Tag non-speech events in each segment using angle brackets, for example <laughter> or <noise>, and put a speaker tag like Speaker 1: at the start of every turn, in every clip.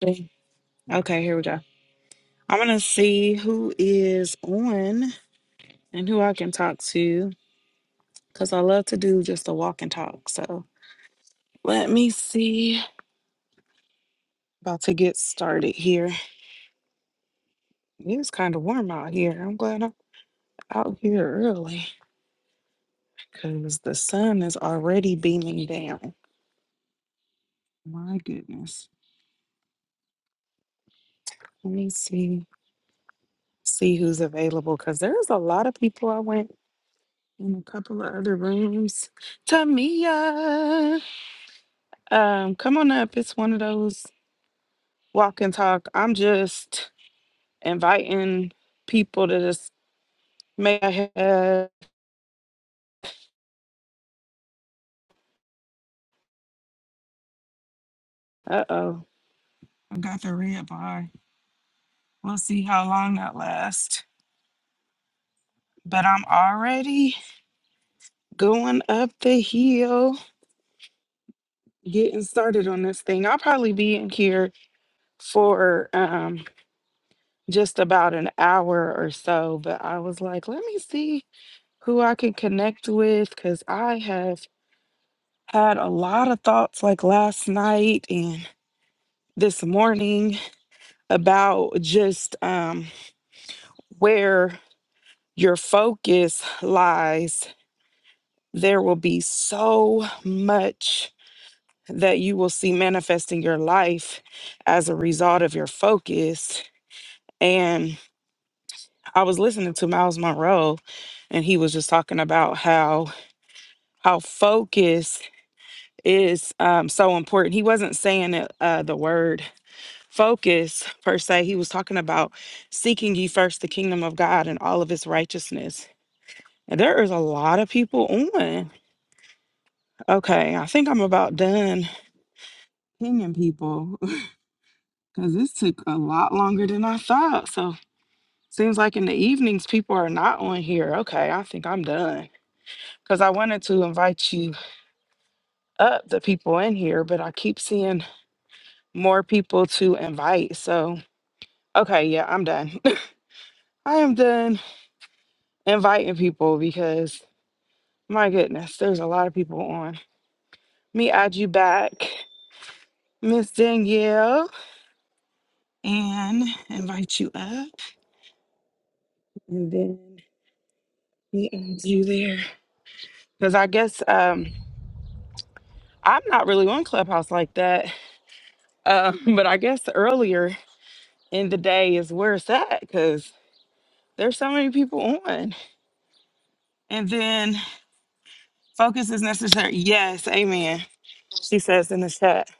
Speaker 1: Okay, Okay, here we go. I'm gonna see who is on and who I can talk to because I love to do just a walk and talk. So let me see. About to get started here. It is kind of warm out here. I'm glad I'm out here early because the sun is already beaming down. My goodness. Let me see see who's available because there's a lot of people. I went in a couple of other rooms. Tamia. Um, come on up. It's one of those walk and talk. I'm just inviting people to just make a head. Uh oh, I got the red bar. We'll see how long that lasts. But I'm already going up the hill, getting started on this thing. I'll probably be in here for um just about an hour or so. But I was like, let me see who I can connect with because I have had a lot of thoughts like last night and this morning about just um, where your focus lies. There will be so much that you will see manifest in your life as a result of your focus. And I was listening to Miles Monroe, and he was just talking about how how focus is um, so important. He wasn't saying it, uh, the word focus per se he was talking about seeking ye first the kingdom of god and all of its righteousness and there is a lot of people on okay i think i'm about done pinging people <laughs> because this took a lot longer than i thought so seems like in the evenings people are not on here okay i think i'm done because i wanted to invite you up the people in here but i keep seeing more people to invite so okay yeah i'm done <laughs> i am done inviting people because My goodness, there's a lot of people on. Me add you back, Miss Danielle, and invite you up, and then me add you there. Because I guess um, I'm not really on Clubhouse like that, uh, <laughs> but I guess earlier in the day is where it's at because there's so many people on. And then focus is necessary. Yes, amen. She says in the chat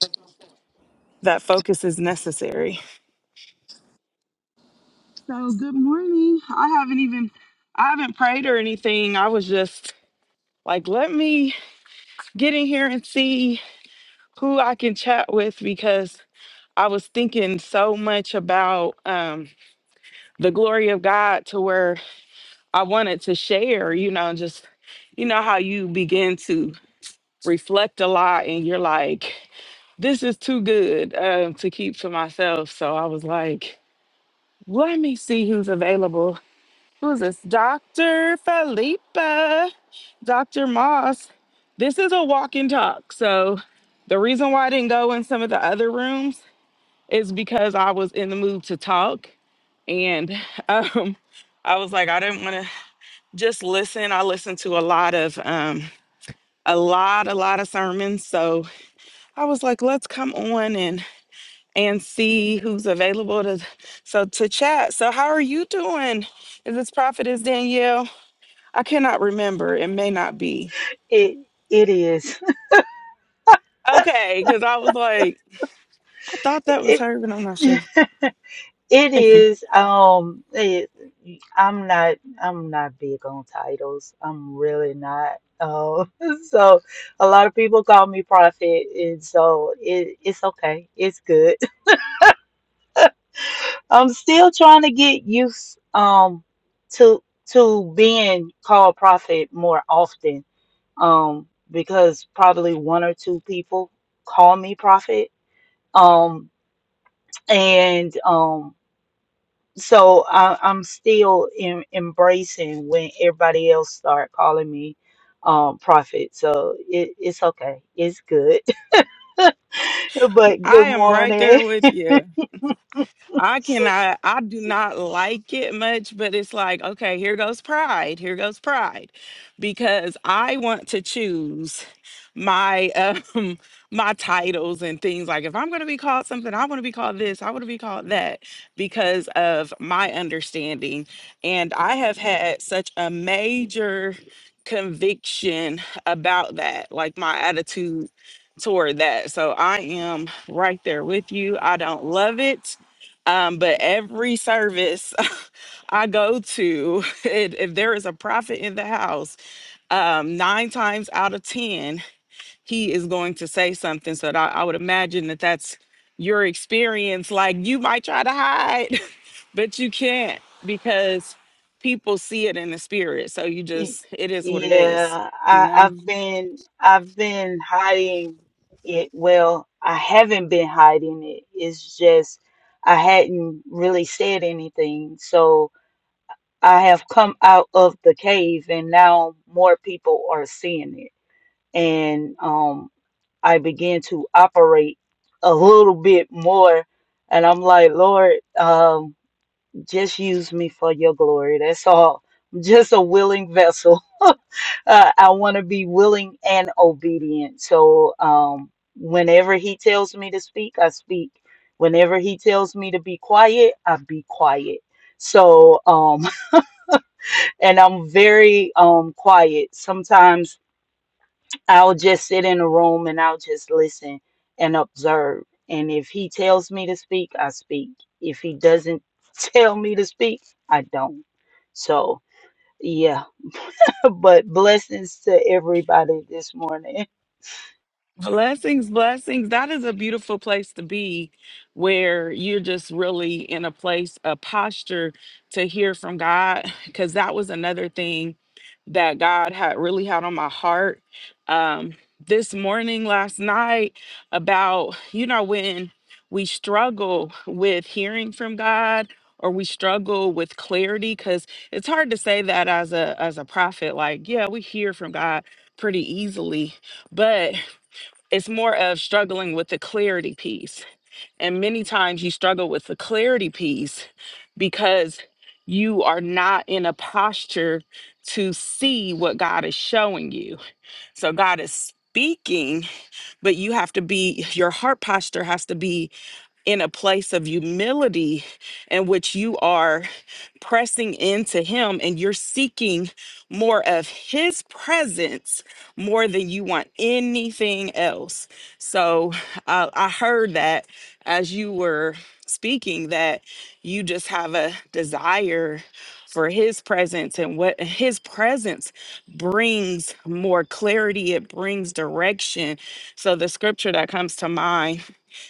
Speaker 1: that focus is necessary. So good morning. I haven't even I haven't prayed or anything. I was just like, let me get in here and see who I can chat with because I was thinking so much about um the glory of God to where I wanted to share, you know, just you know how you begin to reflect a lot and you're like, this is too good um, to keep to myself. So I was like, let me see who's available. Who's this? Dr. Felipa, Dr. Moss. This is a walk and talk. So, the reason why I didn't go in some of the other rooms is because I was in the mood to talk. And <laughs> um, I was like, I didn't want to just listen. I listened to a lot of, um, a lot, a lot of sermons. So I was like, let's come on and and see who's available to so to chat. So how are you doing? Is this prophetess Danielle? I cannot remember. It may not be.
Speaker 2: It it is. <laughs>
Speaker 1: Okay, because I was like, I thought that was
Speaker 2: It
Speaker 1: her, but I'm not sure.
Speaker 2: it is. Um, it, I'm not. I'm not big on titles. I'm really not. Um, <laughs> so a lot of people call me prophet, and so it it's okay. It's good. <laughs> I'm still trying to get used um to to being called prophet more often. Um, because probably one or two people call me prophet. Um, and um. so I, I'm still in, embracing when everybody else start calling me um prophet. So it, it's okay. It's good. <laughs> but
Speaker 1: I
Speaker 2: good
Speaker 1: am right there
Speaker 2: morning.
Speaker 1: with you. I cannot, I do not like it much, but it's like, okay, here goes pride. Here goes pride. Because I want to choose my um <laughs> my titles and things like if I'm gonna be called something, I want to be called this, I want to be called that because of my understanding. And I have had such a major conviction about that, like my attitude toward that. So I am right there with you. I don't love it um, but every service <laughs> I go to, <laughs> it, if there is a prophet in the house, um, nine times out of 10, he is going to say something. So that I, I would imagine that that's your experience. Like you might try to hide, <laughs> but you can't because people see it in the spirit. So you
Speaker 2: <laughs>
Speaker 1: just, it is what it is,
Speaker 2: Yeah,
Speaker 1: you
Speaker 2: I,
Speaker 1: know?
Speaker 2: I've been I've been hiding it. Well, I haven't been hiding it. It's just I hadn't really said anything. So I have come out of the cave and now more people are seeing it. And um, I began to operate a little bit more. And I'm like, Lord, um, just use me for your glory. That's all. I'm just a willing vessel. <laughs> uh, I want to be willing and obedient. So um, whenever he tells me to speak, I speak. Whenever he tells me to be quiet, I be quiet. So um, <laughs> and I'm very um quiet. Sometimes I'll just sit in a room and I'll just listen and observe. And if he tells me to speak, I speak. If he doesn't <laughs> tell me to speak, I don't. So, yeah. <laughs> But blessings to everybody this morning.
Speaker 1: Blessings, blessings. That is a beautiful place to be where you're just really in a place, a posture to hear from God. <laughs> Because that was another thing that God had really had on my heart um, this morning, last night, about, you know, when we struggle with hearing from God or we struggle with clarity because it's hard to say that as a as a prophet like yeah we hear from god pretty easily but it's more of struggling with the clarity piece. And many times you struggle with the clarity piece because you are not in a posture to see what God is showing you. So God is speaking, but you have to be, your heart posture has to be in a place of humility in which you are pressing into Him and you're seeking more of His presence more than you want anything else. So I, I heard that as you were speaking, that you just have a desire for His presence and what His presence brings more clarity, it brings direction. So the scripture that comes to mind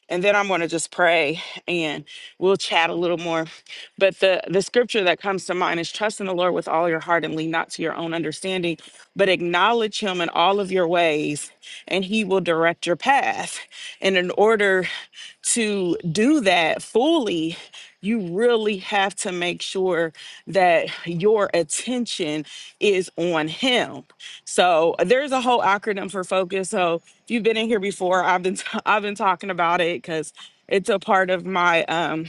Speaker 1: and then I'm going to just pray and we'll chat a little more. But the the scripture that comes to mind is trust in the Lord with all your heart and lean not to your own understanding, but acknowledge him in all of your ways and he will direct your path. And in order to do that fully, you really have to make sure that your attention is on Him. So there's a whole acronym for focus. So if you've been in here before, I've been <laughs> I've been talking about it because it's a part of my um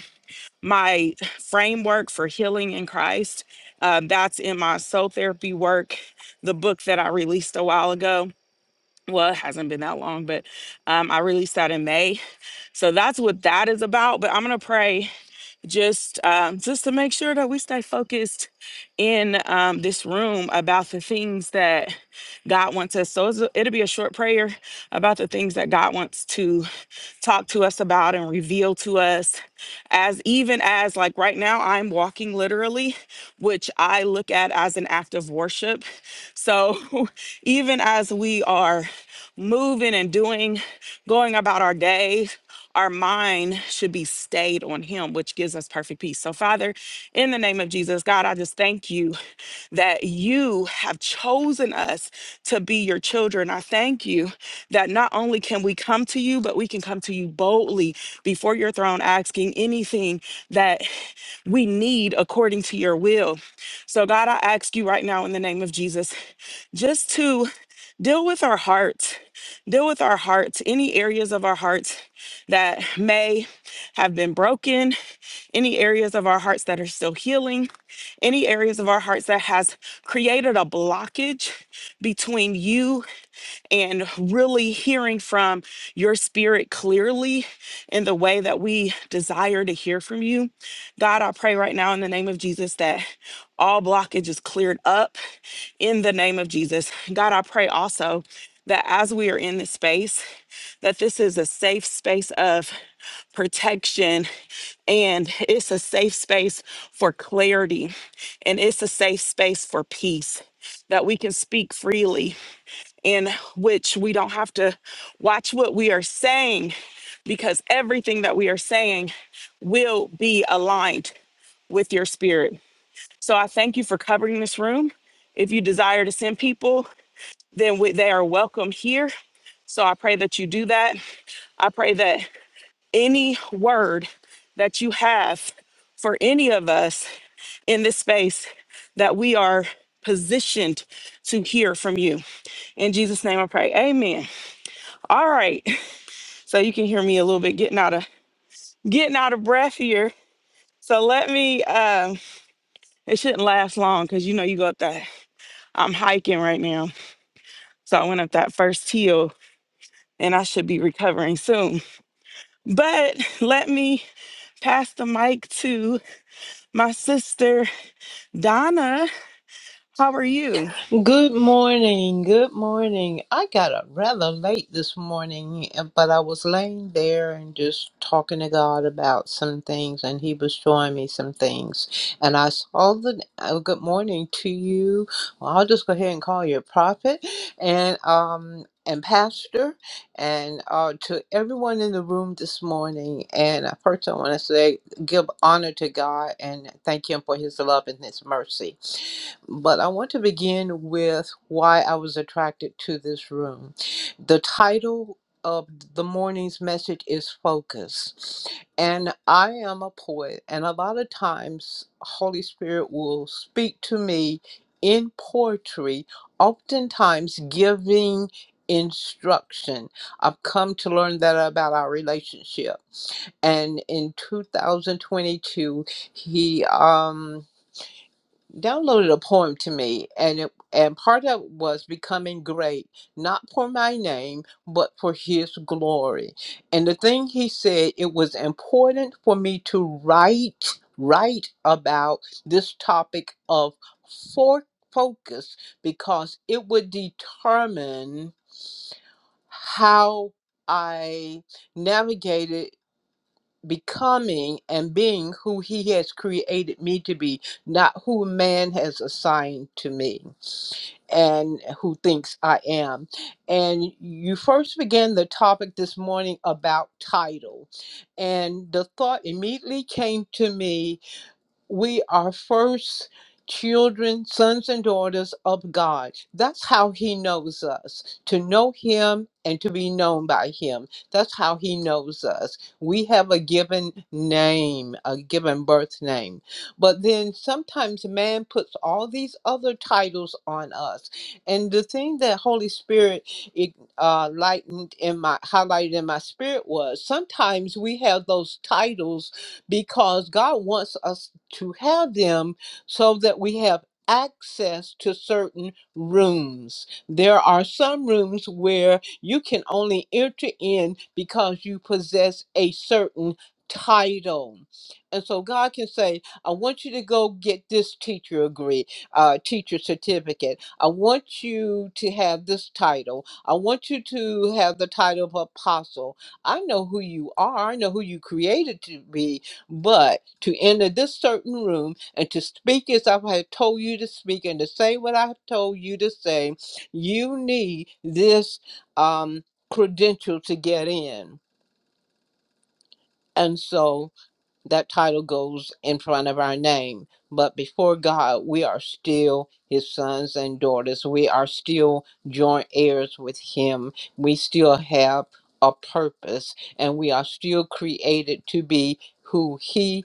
Speaker 1: my framework for healing in Christ. Uh, that's in my soul therapy work, the book that I released a while ago. Well, it hasn't been that long, but um, I released that in May so that's what that is about. But I'm gonna pray just um, just to make sure that we stay focused in um, this room about the things that God wants us. So it's a- it'll be a short prayer about the things that God wants to talk to us about and reveal to us as even as like right now I'm walking literally which I look at as an act of worship so <laughs> even as we are moving and doing going about our day our mind should be stayed on him which gives gives us perfect peace. So, Father, in the name of Jesus, God, I just thank you <laughs> that you have chosen us to be your children. I thank you that not only can we come to you, but we can come to you boldly before your throne, asking anything that <sighs> we need according to your will. So, God, I ask you right now in the name of Jesus just to deal with our hearts, deal with our hearts, any areas of our hearts that may have been broken, any areas of our hearts that are still healing, any areas of our hearts that has created a blockage between you and really hearing from your spirit clearly in the way that we desire to hear from you. God, I pray right now in the name of Jesus that all blockage is cleared up in the name of Jesus. God, I pray also that as we are in this space, that this is a safe space of protection and it's a safe space for clarity and it's a safe space for peace that we can speak freely in which we don't have to watch what we are saying because everything that we are saying will be aligned with your spirit. So I thank you for covering this room. If you desire to send people, then we, they are welcome here. So I pray that you do that. I pray that any word that you have for any of us in this space that we are positioned to hear from you. In Jesus' name I pray. Amen. All right. <laughs> so you can hear me a little bit getting out of getting out of breath here. So let me. Um, it shouldn't last long because you know you go up that. I'm hiking right now, so I went up that first hill, and I should be recovering soon. But let me pass the mic to my sister Donna. How are you?
Speaker 3: Good morning. Good morning. I got up rather late this morning, eh, but I was laying there and just talking to God about some things, and He was showing me some things. And I saw the uh, good morning to you. Well, I'll just go ahead and call you a prophet and um and pastor and uh, to everyone in the room this morning. And uh, first, I want to say give honor to God and thank Him for His love and His mercy but I want to begin with why I was attracted to this room. The title of the morning's message is Focus. And I am a poet, and a lot of times, Holy Spirit will speak to me in poetry, oftentimes giving instruction. I've come to learn that about our relationship. And in 2022, he, um, downloaded a poem to me and it and part of it was becoming great not for my name but for his glory and the thing he said it was important for me to write write about this topic of for focus because it would determine how i navigated becoming and being who he has created me to be, not who man has assigned to me and who thinks I am. And you first began the topic this morning about title. And the thought immediately came to me we are first children, sons and daughters of God. That's how He knows us to know Him and to be known by Him. That's how He knows us. We have a given name, a given birth name. But then sometimes man puts all these other titles on us. And the thing that Holy Spirit it, uh, lightened in my highlighted in my spirit was sometimes we have those titles because God wants us to have them so that we have access to certain rooms. There are some rooms where you can only enter in because you possess a certain title. And so God can say, I want you to go get this teacher agree, uh, teacher certificate. I want you to have this title. I want you to have the title of apostle. I know who you are. I know who you created to be but to enter this certain room and to speak as I have told you to speak and to say what I have told you to say, you need this um, credential to get in. And so that title goes in front of our name. But before God, we are still his sons and daughters. We are still joint heirs with him. We still have a purpose and we are still created to be who he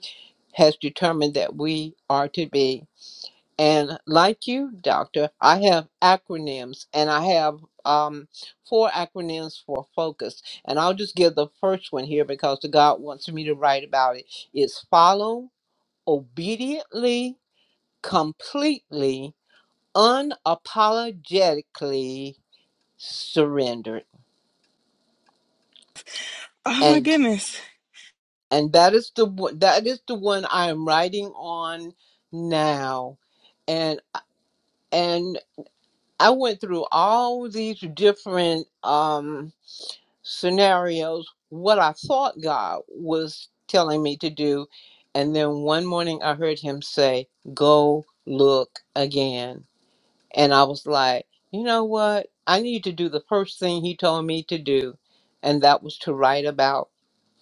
Speaker 3: has determined that we are to be. And like you, doctor, I have acronyms and I have um, four acronyms for focus. And I'll just give the first one here because the God wants me to write about it. It's follow obediently, completely, unapologetically surrendered.
Speaker 1: Oh my
Speaker 3: And
Speaker 1: goodness.
Speaker 3: and that is the one- that is the one I am writing on now. And and I went through all these different um, scenarios, what I thought God was telling me to do. And then one morning I heard him say, Go look again. And I was like, You know what? I need to do the first thing he told me to do. And that was to write about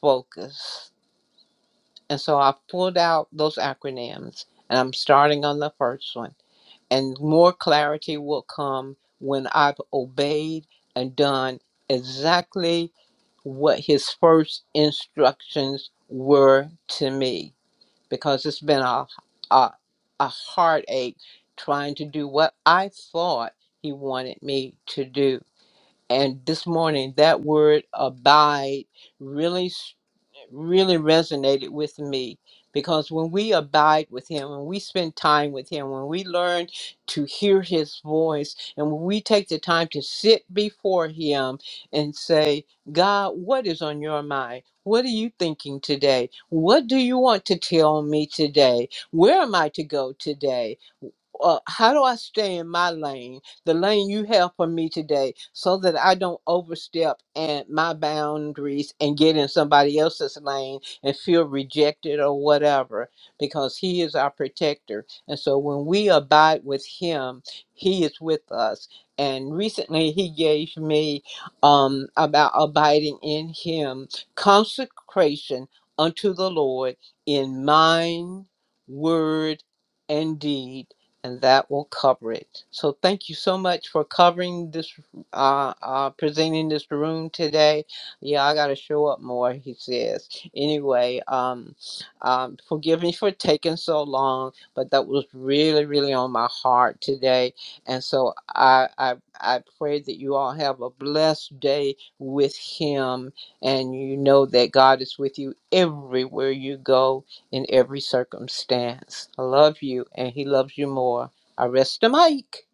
Speaker 3: focus. And so I pulled out those acronyms and I'm starting on the first one and more clarity will come when I've obeyed and done exactly what his first instructions were to me because it's been a a, a heartache trying to do what I thought he wanted me to do. And this morning that word abide really really resonated with me because when we abide with him when we spend time with him when we learn to hear his voice and when we take the time to sit before him and say god what is on your mind what are you thinking today what do you want to tell me today where am i to go today uh, how do I stay in my lane, the lane you have for me today, so that I don't overstep and my boundaries and get in somebody else's lane and feel rejected or whatever, because He is our protector. And so when we abide with Him, He is with us. And recently He gave me um, about abiding in Him, consecration unto the Lord in mind, word, and deed and that will cover it. So thank you so much for covering this, uh, uh, presenting this room today. Yeah, I gotta show up more, he says. Anyway, um, um, forgive me for taking so long, but that was really, really on my heart today. And so I, I, I pray that you all have a blessed day with him, and you know that God is with you everywhere you go in every circumstance. I love you, and He loves you more. I rest the mic.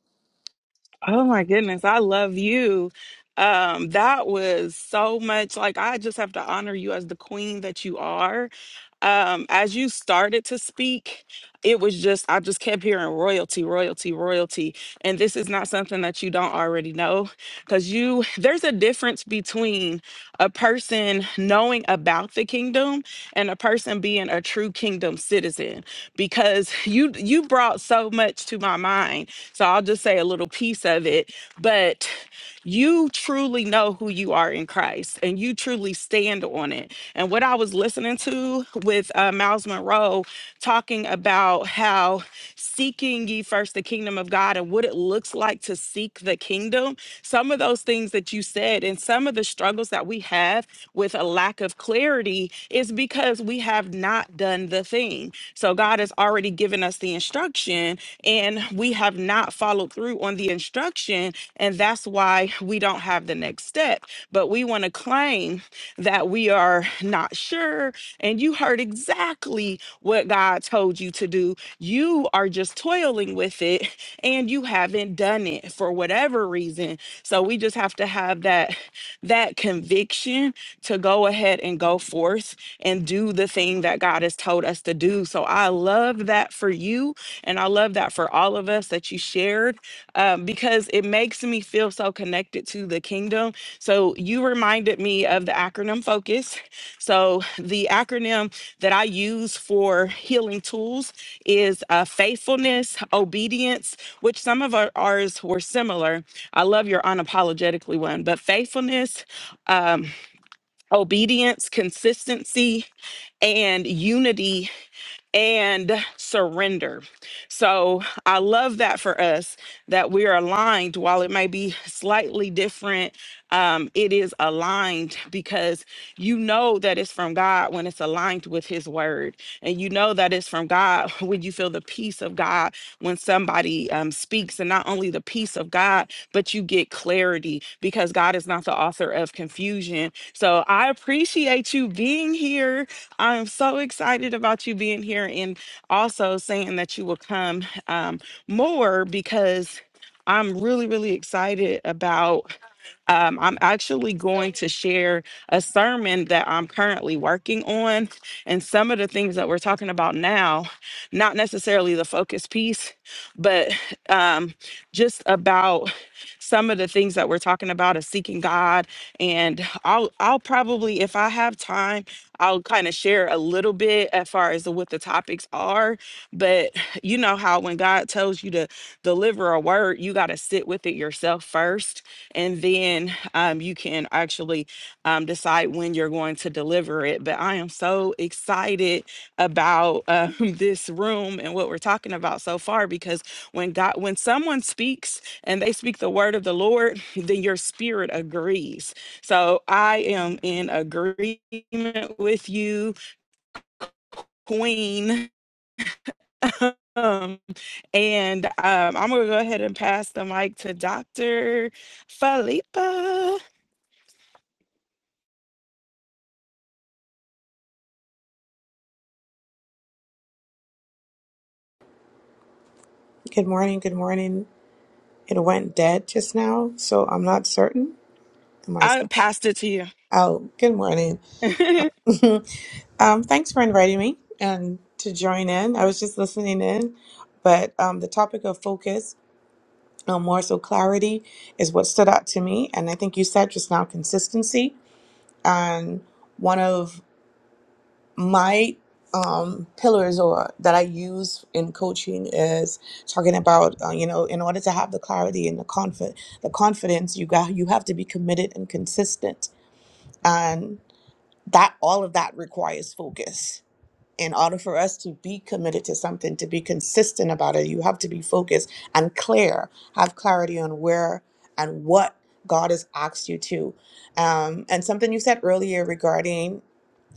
Speaker 1: Oh my goodness. I love you. Um, that was so much like I just have to honor you as the queen that you are um, as you started to speak, it was just, I just kept hearing royalty, royalty, royalty and this is not something that you don't already know because you there's a difference between a person knowing about the kingdom and a person being a true kingdom citizen because you you brought so much to my mind so i'll just say a little piece of it but you truly know who you are in christ and you truly stand on it and what i was listening to with uh, miles monroe talking about how seeking ye first first the kingdom of God and what it looks like to seek the kingdom, some of those things that you said and some of the struggles that we have with a lack of clarity is because we have not done the thing. So God has already given us the instruction and we have not followed through on the instruction. And that's why we don't have the next step. But we want to claim that we are not sure. And you heard exactly what God told you to do. You are are just toiling with it and you haven't done it for whatever reason. So we just have to have that that conviction to go ahead and go forth and do the thing that God has told us to do. So I love that for you and I love that for all of us that you shared um, because it makes me feel so connected to the kingdom. So you reminded me of the acronym focus. So the acronym that I use for healing tools is uh, faithfulness, obedience, which some of our, ours were similar. I love your unapologetically one, but faithfulness, um, obedience, consistency, and unity and surrender. So I love that for us that we are aligned. While it may be slightly different, um, it is aligned because you know that it's from God when it's aligned with His Word, and you know that it's from God <laughs> when you feel the peace of God when somebody um, speaks, and not only the peace of God, but you get clarity because God is not the author of confusion. So I appreciate you being here I am so excited about you being here and also saying that you will come um, more because I'm really, really excited about. Um, I'm actually going to share a sermon that I'm currently working on. And some of the things that we're talking about now, not necessarily the focus piece, but um, just about some of the things that we're talking about is seeking God. And I'll, I'll probably, if I have time, I'll kind of share a little bit as far as what the topics are. But you know how when God tells you to deliver a word, you got to sit with it yourself first and then um, you can actually um, decide when you're going to deliver it. But I am so excited about um, <laughs> this room and what we're talking about so far because when God, when someone speaks and they speak the word of the Lord, <laughs> then your spirit agrees. So I am in agreement with you, Queen. Um, and um, I'm gonna go ahead and pass the mic to Dr. Felipa.
Speaker 4: Good morning. Good morning. It went dead just now, so I'm not certain. Am I
Speaker 1: I
Speaker 4: still?
Speaker 1: passed it to you.
Speaker 4: Oh, good morning.
Speaker 1: <laughs> it
Speaker 4: <laughs> um, thanks for inviting me and to join in. I was just listening in, but um, the topic of focus, um, more so clarity, is what stood out to me. And I think you said just now consistency. And one of my um, pillars or that I use in coaching is talking about uh, you know in order to have the clarity and the confidence the confidence you got you have to be committed and consistent and that all of that requires focus in order for us to be committed to something to be consistent about it you have to be focused and clear have clarity on where and what God has asked you to um, and something you said earlier regarding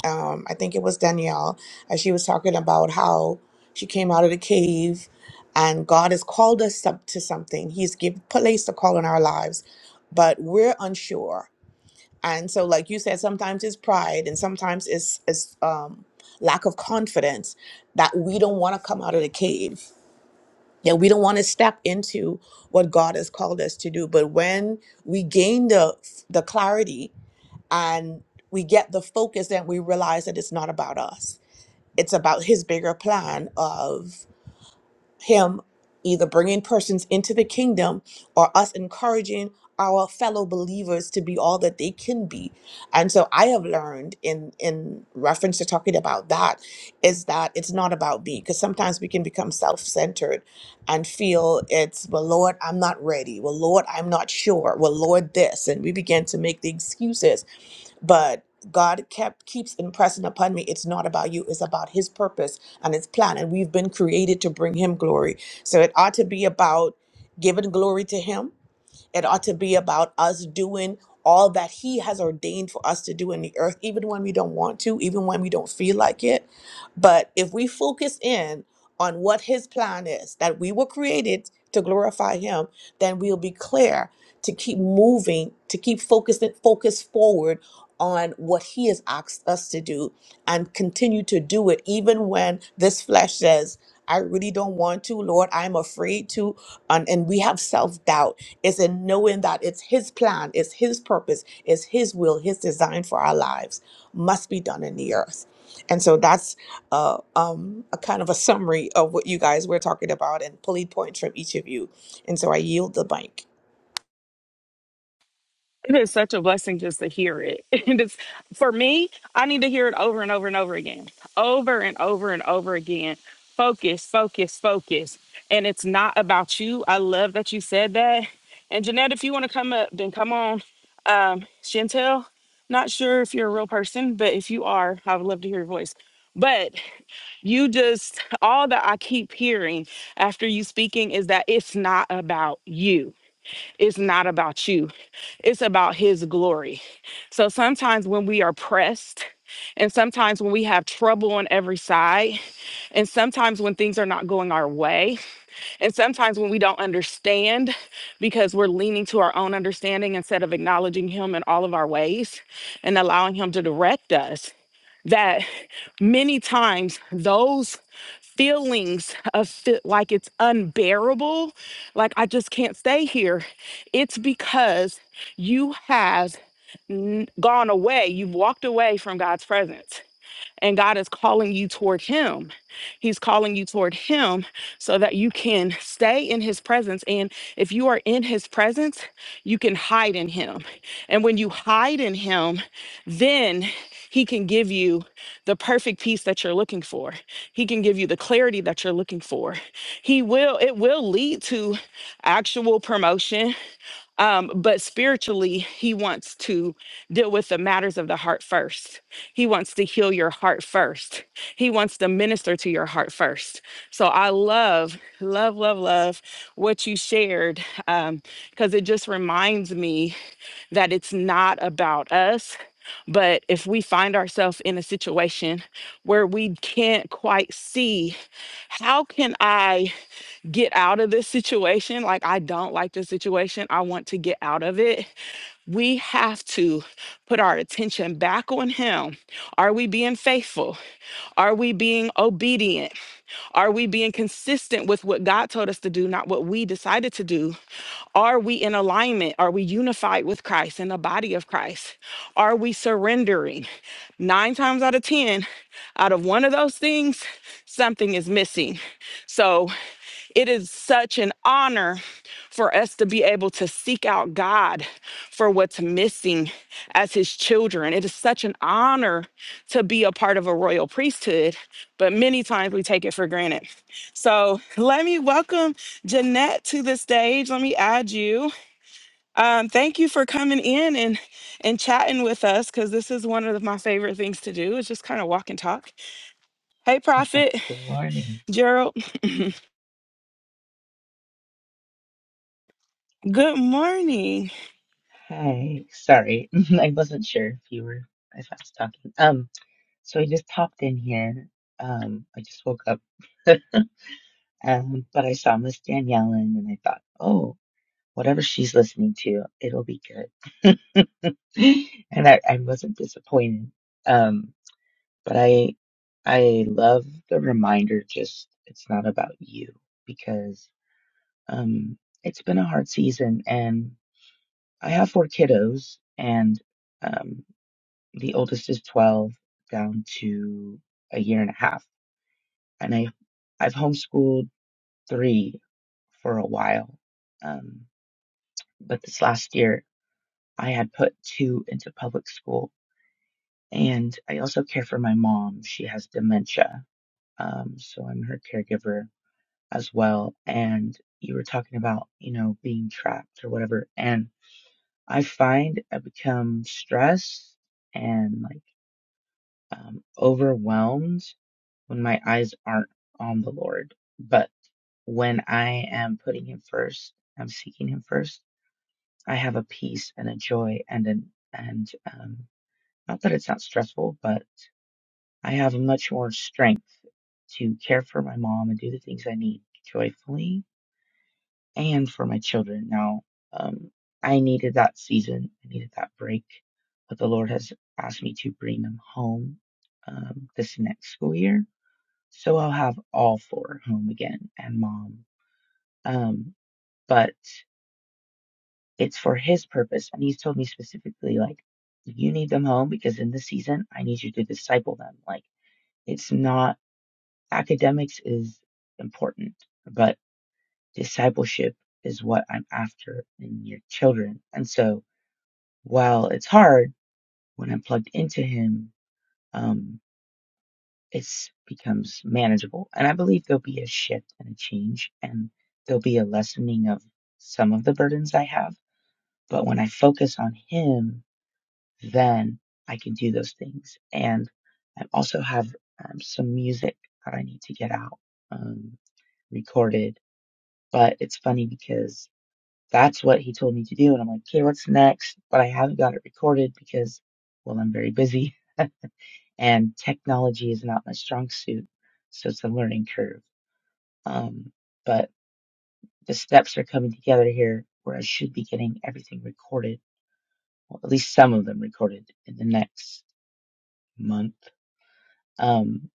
Speaker 4: um, I think it was Danielle, and she was talking about how she came out of the cave and God has called us up to something. He's given placed a call in our lives, but we're unsure. And so, like you said, sometimes it's pride and sometimes it's, it's um, lack of confidence that we don't want to come out of the cave. Yeah, we don't want to step into what God has called us to do. But when we gain the the clarity and we get the focus and we realize that it's not about us it's about his bigger plan of him either bringing persons into the kingdom or us encouraging our fellow believers to be all that they can be and so i have learned in in reference to talking about that is that it's not about me because sometimes we can become self-centered and feel it's well lord i'm not ready well lord i'm not sure well lord this and we begin to make the excuses but God kept keeps impressing upon me it's not about you it's about his purpose and his plan and we've been created to bring him glory so it ought to be about giving glory to him it ought to be about us doing all that He has ordained for us to do in the earth, even when we don't want to, even when we don't feel like it. But if we focus in on what His plan is, that we were created to glorify Him, then we'll be clear to keep moving, to keep focusing, focus forward on what He has asked us to do and continue to do it, even when this flesh says, I really don't want to, Lord, I'm afraid to. And, and we have self doubt it's in knowing that it's His plan, it's His purpose, it's His will, His design for our lives must be done in the earth. And so that's uh, um, a kind of a summary of what you guys were talking about and pulley points from each of you. And so I yield the mic.
Speaker 1: is such a blessing just to hear it. <laughs> And it's for me, I need to hear it over and over and over again. Over and over and over again. Focus, focus, focus. And it's not about you. I love that you said that. And Jeanette, if you want to come up, then come on. Um, Chantel, not sure if you're a real person, but if you are, I would love to hear your voice. But you just all that I keep hearing after you speaking is that it's not about you It's not about you, it's about His glory. So sometimes when we are pressed, and sometimes when we have trouble on every side, and sometimes when things are not going our way, and sometimes when we don't understand because we're leaning to our own understanding instead of acknowledging Him in all of our ways and allowing Him to direct us that many times those feelings of fe- like it's unbearable, like I just can't stay here, it's because you have n- gone away. You've walked away from God's presence and God is calling you toward Him. He's calling you toward Him so that you can stay in His presence. And if you are in His presence, you can hide in Him. And when you hide in Him, then He can give you the perfect peace that you're looking for. He can give you the clarity that you're looking for. He will, it will lead to actual promotion um, but spiritually he wants to deal with the matters of the heart first he wants to heal your heart first he wants to minister to your heart first so i love love love love what you shared um, because it just reminds me that it's not about us but if we find ourselves in a situation where we can't quite see how can i get out of this situation. Like, I don't like this situation. I want to get out of it. We have to put our attention back on Him. Are we being faithful? Are we being obedient? Are we being consistent with what God told us to do, not what we decided to do? Are we in alignment? Are we unified with Christ in the body of Christ? Are we surrendering? Nine times out of 10, out of one of those things, something is missing. So, it is such an honor for us to be able to seek out God for what's missing as His children. It is such an honor to be a part of a royal priesthood, but many times we take it for granted. So let me welcome Jeanette to the stage. Let me add you. Um, thank you for coming in and and chatting with us because this is one of my favorite things to do is just kind of walk and talk. Hey, Prophet
Speaker 5: Good morning.
Speaker 1: Gerald. Good morning.
Speaker 5: Hi. Sorry, <laughs> I wasn't sure if you were if I was talking. Um, so I just popped in here. Um, I just woke up. <laughs> Um, but I saw Miss Danielle in and I thought, oh, whatever she's listening to, it'll be good. <laughs> And I, I wasn't disappointed. Um, but I I love the reminder just it's not about you because um it's been a hard season I have four kiddos, and um, the oldest is 12, down to a year and a half. And I, I've homeschooled three for a while. Um, but this last year, I had put two into public school. And I also care for my mom. She has dementia. Um, so I'm her caregiver as well. And you were talking about, you know, being trapped or whatever. And I find I become stressed and like, um, overwhelmed when my eyes aren't on the Lord. But when I am putting Him first, I'm seeking Him first. I have a peace and a joy and an and um, not that it's not stressful, but I have much more strength to care for my mom and do the things I need joyfully and for my children. Now, um, I needed that season. I needed that break, but the Lord has asked me to bring them home um, this next school year so I'll have all four home again and mom. Um, but it's for his purpose. And he's told me specifically, like, you need them home because in this season, I need you to disciple them. Like, it's not academics is important, but discipleship is what I'm after in your children. And so while it's hard when I'm plugged into him, um, it's becomes manageable. And I believe there'll be a shift and a change and there'll be a lessening of some of the burdens I have. But when I focus on him, then I can do those things. And I also have um, some music that I need to get out, um, recorded. But it's funny because that's what he told me to do. And I'm like, okay, what's next? But I haven't got it recorded because, well, I'm very busy <laughs> and technology is not my strong suit. So it's a learning curve. Um, but the steps are coming together here where I should be getting everything recorded, well, at least some of them recorded in the next month. Um,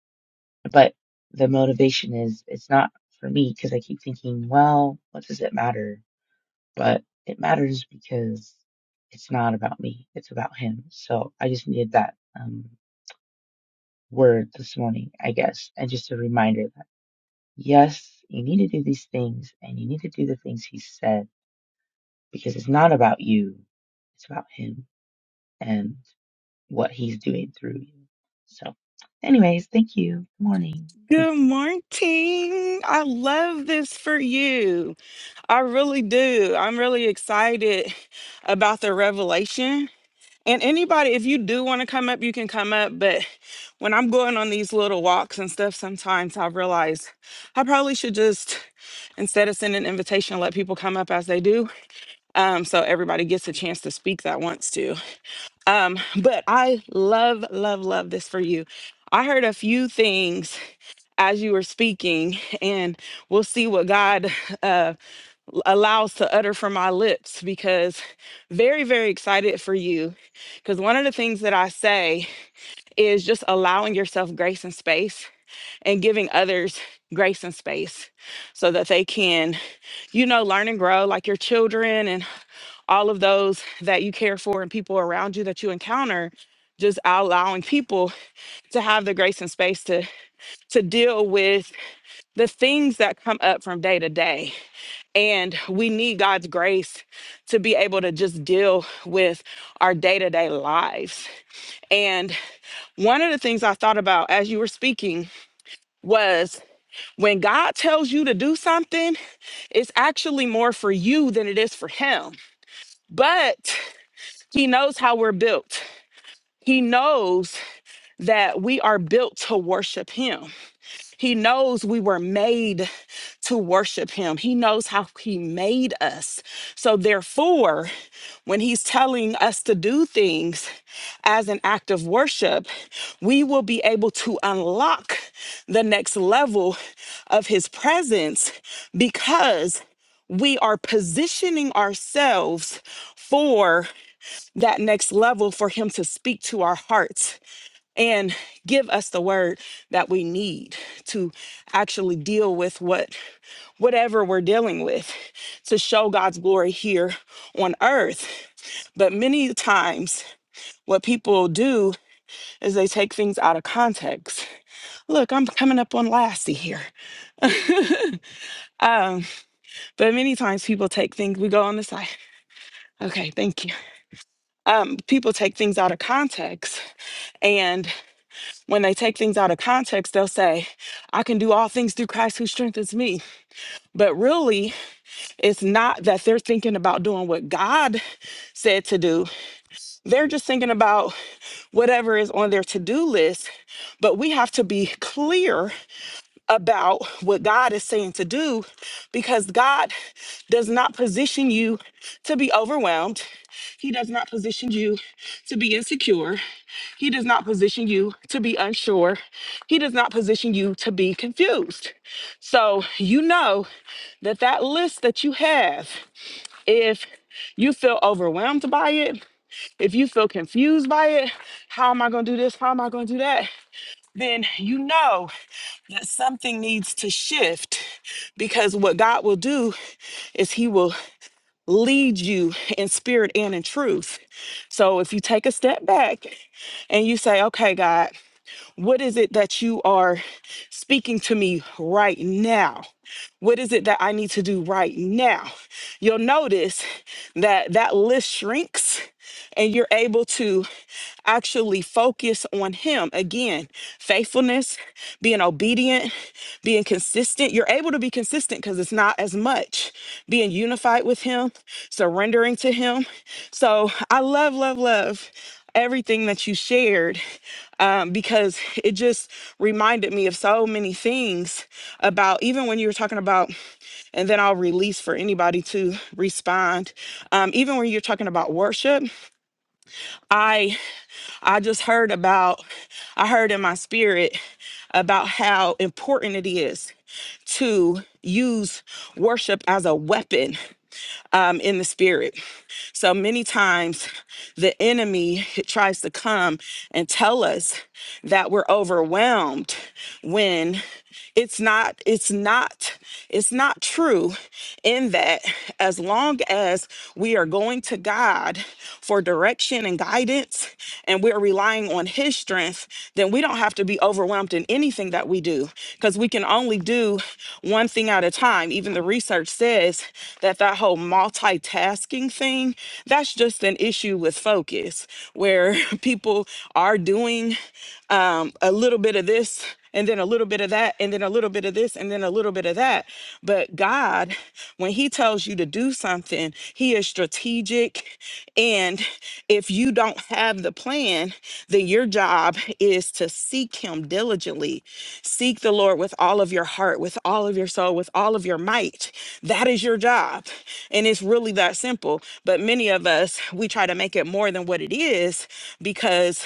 Speaker 5: but the motivation is, it's not for me because I keep thinking, well, what does it matter? but it matters because it's not about me. It's about him. So I just needed that um, word this morning, I guess, and just a reminder that yes, you need to do these things and you need to do the things he said because it's not about you. It's about him and what he's doing through you. So anyways, thank you. Good morning.
Speaker 1: Good morning. I love this for you. I really do. I'm really excited <laughs> about the revelation. And anybody, if you do want to come up, you can come up. But when I'm going on these little walks and stuff, sometimes I realize I probably should just, instead of sending an invitation, let people come up as they do. Um, so everybody gets a chance to speak that wants to. Um, but I love, love, love this for you. I heard a few things as you were speaking, <laughs> and we'll see what God uh, allows to utter from my lips because very, very excited for you. Because one of the things that I say is just allowing yourself grace and space and giving others grace and space so that they can, you know, learn and grow like your children and all of those that you care for and people around you that you encounter. Just allowing people to have the grace and space to to deal with the things that come up from day to day. And we need God's grace to be able to just deal with our day to day lives. And one of the things I thought about as you were speaking was when God tells you to do something, it's actually more for you than it is for Him. But He knows how we're built, He knows that we are built to worship Him. He knows we were made to worship him. He knows how he made us. So, therefore, when he's telling us to do things as an act of worship, we will be able to unlock the next level of his presence because we are positioning ourselves for that next level for him to speak to our hearts and give us the word that we need to actually deal with what whatever we're dealing with to show God's glory here on earth. But many times what people do is they take things out of context. Look, I'm coming up on Lassie here. Um, but many times people take things, we go on the side. Okay, thank you. Um, people take things out of context. And when they take things out of context, they'll say, I can do all things through Christ who strengthens me But really, it's not that they're thinking about doing what God said to do. They're just thinking about whatever is on their to do list. But we have to be clear about what God is saying to do because God does not position you to be overwhelmed. He does not position you to be insecure. He does not position you to be unsure. He does not position you to be confused. So you know that that list that you have if you feel overwhelmed by it, if you feel confused by it, how am I going to do this? How am I going to do that? Then you know that something needs to shift because what God will do is He will lead you in spirit and in truth. So if you take a step back and you say, okay, God, what is it that you are speaking to me right now? What is it that I need to do right now? You'll notice that that list shrinks and you're able to actually focus on Him. Again, faithfulness, being obedient, being consistent. You're able to be consistent because it's not as much being unified with Him, surrendering to Him. So I love, love, love everything that you shared um, because it just reminded me of so many things about even when you were talking about and then I'll release for anybody to respond. Um, even when you're talking about worship, I I just heard about I heard in my spirit about how important it is to use worship as a weapon um, in the spirit. So many times the enemy tries to come and tell us that we're overwhelmed when it's not it's not it's not true in that as long as we are going to God for direction and guidance and we're relying on his strength then we don't have to be overwhelmed in anything that we do because we can only do one thing at a time even the research says that that whole multitasking thing that's just an issue with focus where <laughs> people are doing um, a little bit of this and then a little bit of that, and then a little bit of this, and then a little bit of that. But God, when He tells you to do something, He is strategic. And if you don't have the plan, then your job is to seek Him diligently. Seek the Lord with all of your heart, with all of your soul, with all of your might. That is your job. And it's really that simple. But many of us, we try to make it more than what it is because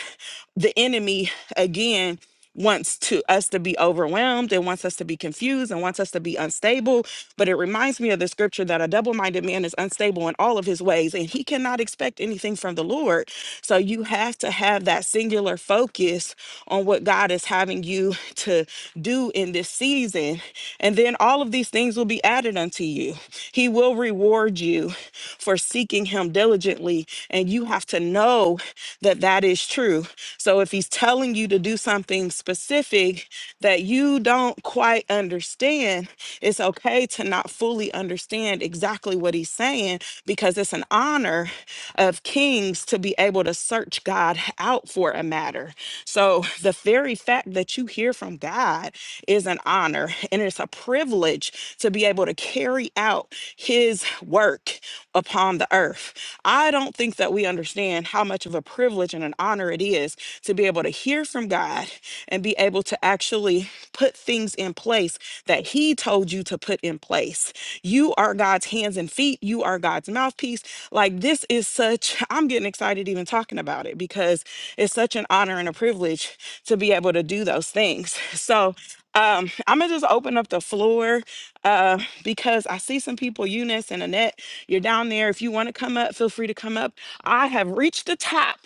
Speaker 1: the enemy, again, wants to us to be overwhelmed and wants us to be confused and wants us to be unstable but it reminds me of the scripture that a double-minded man is unstable in all of his ways and he cannot expect anything from the lord so you have to have that singular focus on what god is having you <laughs> to do in this season and then all of these things will be added unto you he will reward you for seeking him diligently diligently, and you have to know that that is true. So if he's telling you to do something specific that you don't quite understand, it's okay to not fully understand exactly what he's saying because it's an honor of kings to be able to search God out for a matter. So the very fact that you hear from God is an honor and it's a privilege privilege to be able to carry out his work upon the earth. I don't think that we understand how much of a privilege and an honor it is to be able to hear from God and be able to actually put things in place that he told you to put in place. You are God's hands and feet, you are God's mouthpiece. Like this is such <laughs> I'm getting excited even talking about it because it's such an honor and a privilege to be able to do those things. So, um, I'm gonna just open up the floor uh, because I see some people, Eunice and Annette, you're down there. If you want to come up, feel free to come up. I have reached the top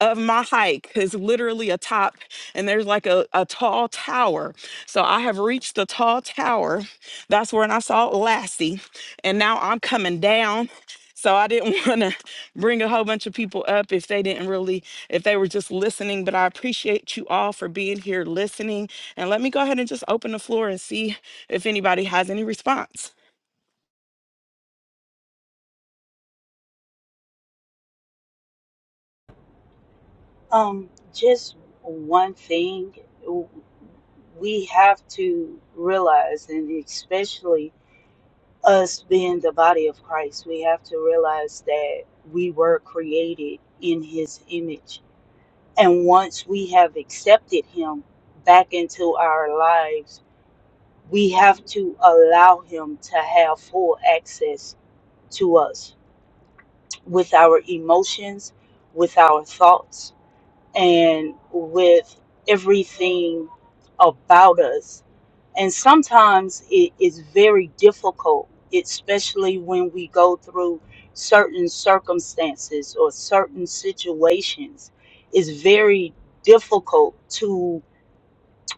Speaker 1: of my hike. It's literally a top, and there's like a, a tall tower. So I have reached the tall tower. That's when I saw Lassie, and now I'm coming down. So I didn't <laughs> want to bring a whole bunch of people up if they didn't really, if they were just listening. But I appreciate you all for being here listening. And let me go ahead and just open the floor and see if anybody has any response.
Speaker 2: Um just one thing we have to realize and especially us being the body of Christ, we have to realize that we were created in his image And once we have accepted Him back into our lives, we have to allow Him to have full access to us with our emotions, with our thoughts, and with everything about us. And sometimes it is very difficult, especially when we go through certain circumstances or certain situations. It's very difficult to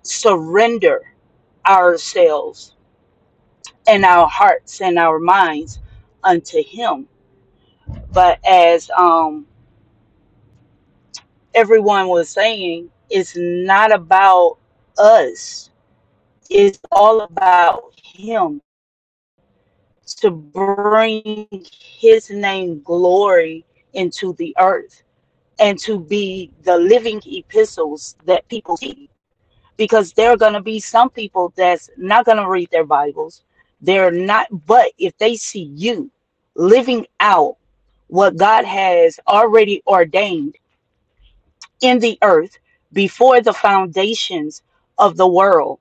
Speaker 2: surrender ourselves and our hearts and our minds unto Him. But as um, everyone was saying, it's not about us It's all about Him to bring His name glory into the earth and to be the living epistles that people see. Because there are going to be some people that's not going to read their Bibles. They're not, but if they see you living out what God has already ordained in the earth before the foundations of the world,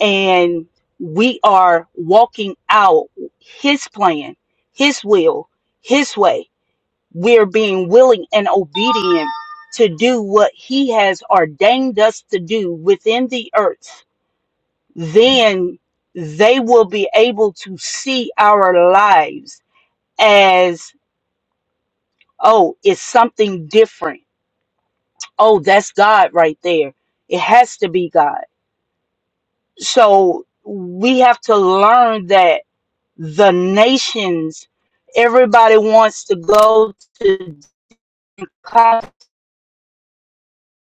Speaker 2: and we are walking out his plan, his will, his way. We're being willing and obedient to do what he has ordained us to do within the earth. Then they will be able to see our lives as, oh, it's something different. Oh, that's God right there. It has to be God. So we have to learn that the nations. Everybody wants to go to the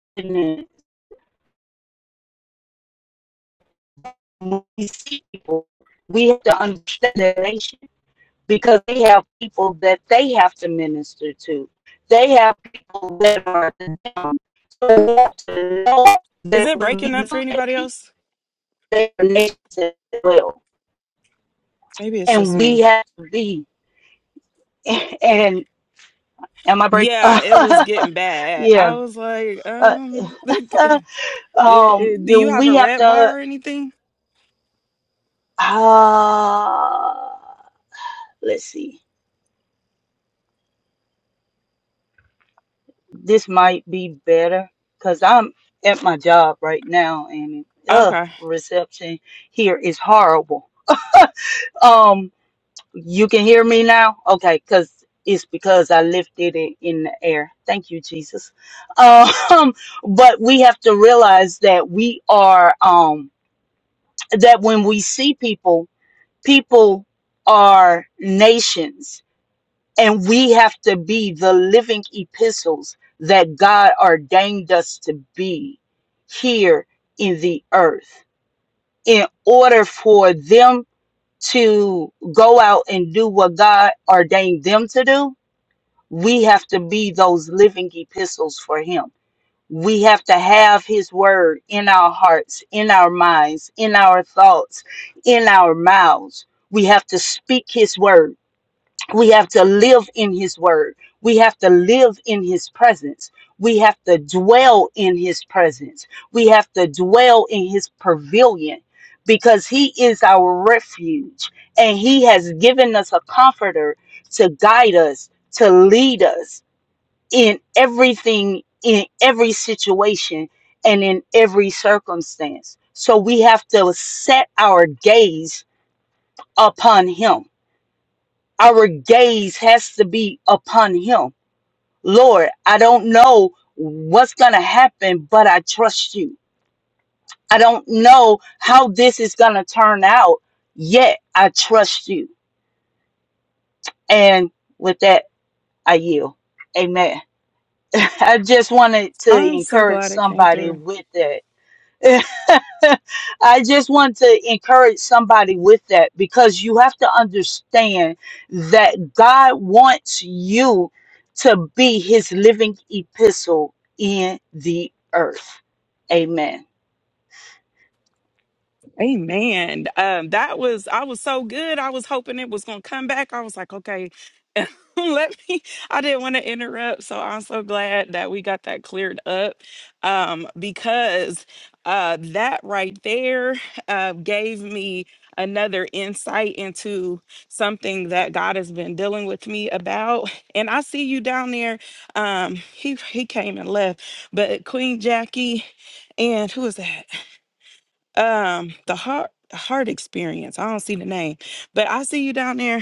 Speaker 2: continent. When We see people. We have to understand the nation because they have people that they have to minister to. They have people that are to them. So we have to know
Speaker 1: Is
Speaker 2: that
Speaker 1: it
Speaker 2: when we
Speaker 1: breaking up for
Speaker 2: look at
Speaker 1: anybody
Speaker 2: people,
Speaker 1: else?
Speaker 2: they are nations as well,
Speaker 1: Maybe it's just
Speaker 2: and we
Speaker 1: me.
Speaker 2: have to be. <laughs> And am I breaking?
Speaker 1: Yeah, it was getting
Speaker 2: <laughs>
Speaker 1: bad.
Speaker 2: yeah.
Speaker 1: I was like,
Speaker 2: Uh,
Speaker 1: um, <laughs>
Speaker 2: uh,
Speaker 1: it-
Speaker 2: um,
Speaker 1: it- do
Speaker 2: you know,
Speaker 1: you have
Speaker 2: we
Speaker 1: a
Speaker 2: have
Speaker 1: red
Speaker 2: to.
Speaker 1: bar or anything?
Speaker 2: Ah, let's see. This might be better because I'm at my job right now and uh
Speaker 1: Okay.
Speaker 2: reception here is horrible. Um, you can hear me now? Okay, because it's because I lifted it in the air. Thank you, Jesus. Um, <laughs> but we have to realize that we are um that when we see people, people are nations And we have to be the living epistles that God ordained us to be here in the earth in order for them to go out and do what God ordained them to do. We have to be those living epistles for Him. We have to have His word in our hearts, in our minds, in our thoughts, in our mouths. We have to speak His word we have to live in his word. We have to live in his presence. We have to dwell in his presence. We have to dwell in his pavilion because he is our refuge and he has given us a comforter to guide us, to lead us in everything, in every situation, and in every circumstance. So we have to set our gaze upon him our gaze has to be upon him. Lord, I don't know what's going to happen, but I trust you. I don't know how this is going to turn out, yet I trust you. And with that, I yield. Amen. <laughs> I just wanted to
Speaker 1: I'm so
Speaker 2: encourage
Speaker 1: glad it came
Speaker 2: somebody
Speaker 1: through.
Speaker 2: with that <laughs> I just want to encourage somebody with that because you have to understand that God wants you to be his living epistle in the earth. Amen.
Speaker 1: Amen. Um, that was I was so good. I was hoping it was gonna come back. I was like, okay, <laughs> let me. I didn't want to interrupt, so I'm so glad that we got that cleared up. Um, because uh, that right there uh, gave me another insight into something that God has been dealing with me about. And I see you down there. Um, he he came and left, but Queen Jackie and who is that? um the heart heart experience i don't see the name but i see you down there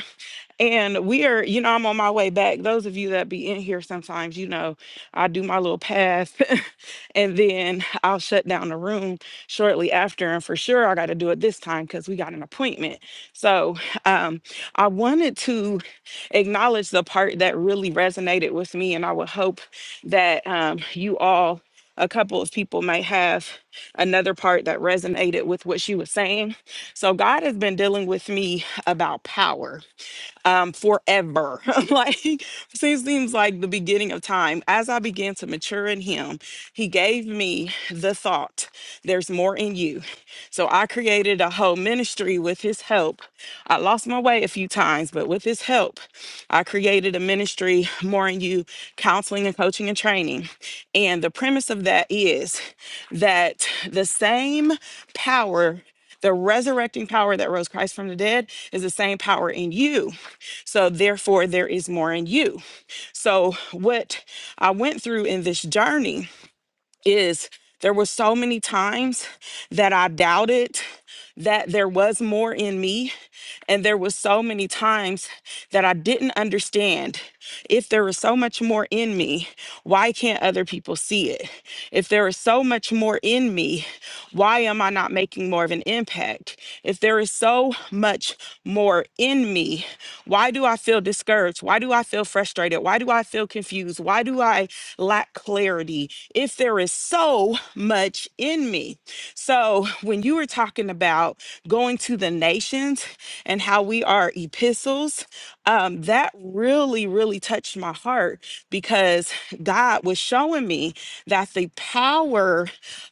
Speaker 1: and we are, you know, I'm on my way back. Those of you that be in here sometimes, you know, I do my little pass <laughs> and then I'll shut down the room shortly after. And for sure, I got to do it this time because we got an appointment. So um, I wanted to acknowledge the part that really resonated with me. And I would hope that um, you all, a couple of people, may have another part that resonated with what she was saying. So God has been dealing with me about power um, forever. <laughs> like seems seems like the beginning of time. As I began to mature in Him, He gave me the thought, "There's more in you." So I created a whole ministry with His help. I lost my way a few times, but with His help, I created a ministry, More in You, counseling and coaching and training. And the premise of that is that the same power the resurrecting power that rose Christ from the dead is the same power in you so therefore, there is more in you. So what I went through in this journey is there were so many times that I doubted that there was more in me and there was so many times that I didn't understand if there is so much more in me, why can't other people see it? If there is so much more in me, why am I not making more of an impact? If there is so much more in me, why do I feel discouraged? Why do I feel frustrated? Why do I feel confused? Why do I lack clarity? If there is so much in me. So, when you were talking about going to the nations and how we are epistles, um, that really, really touched my heart because God was showing me that the power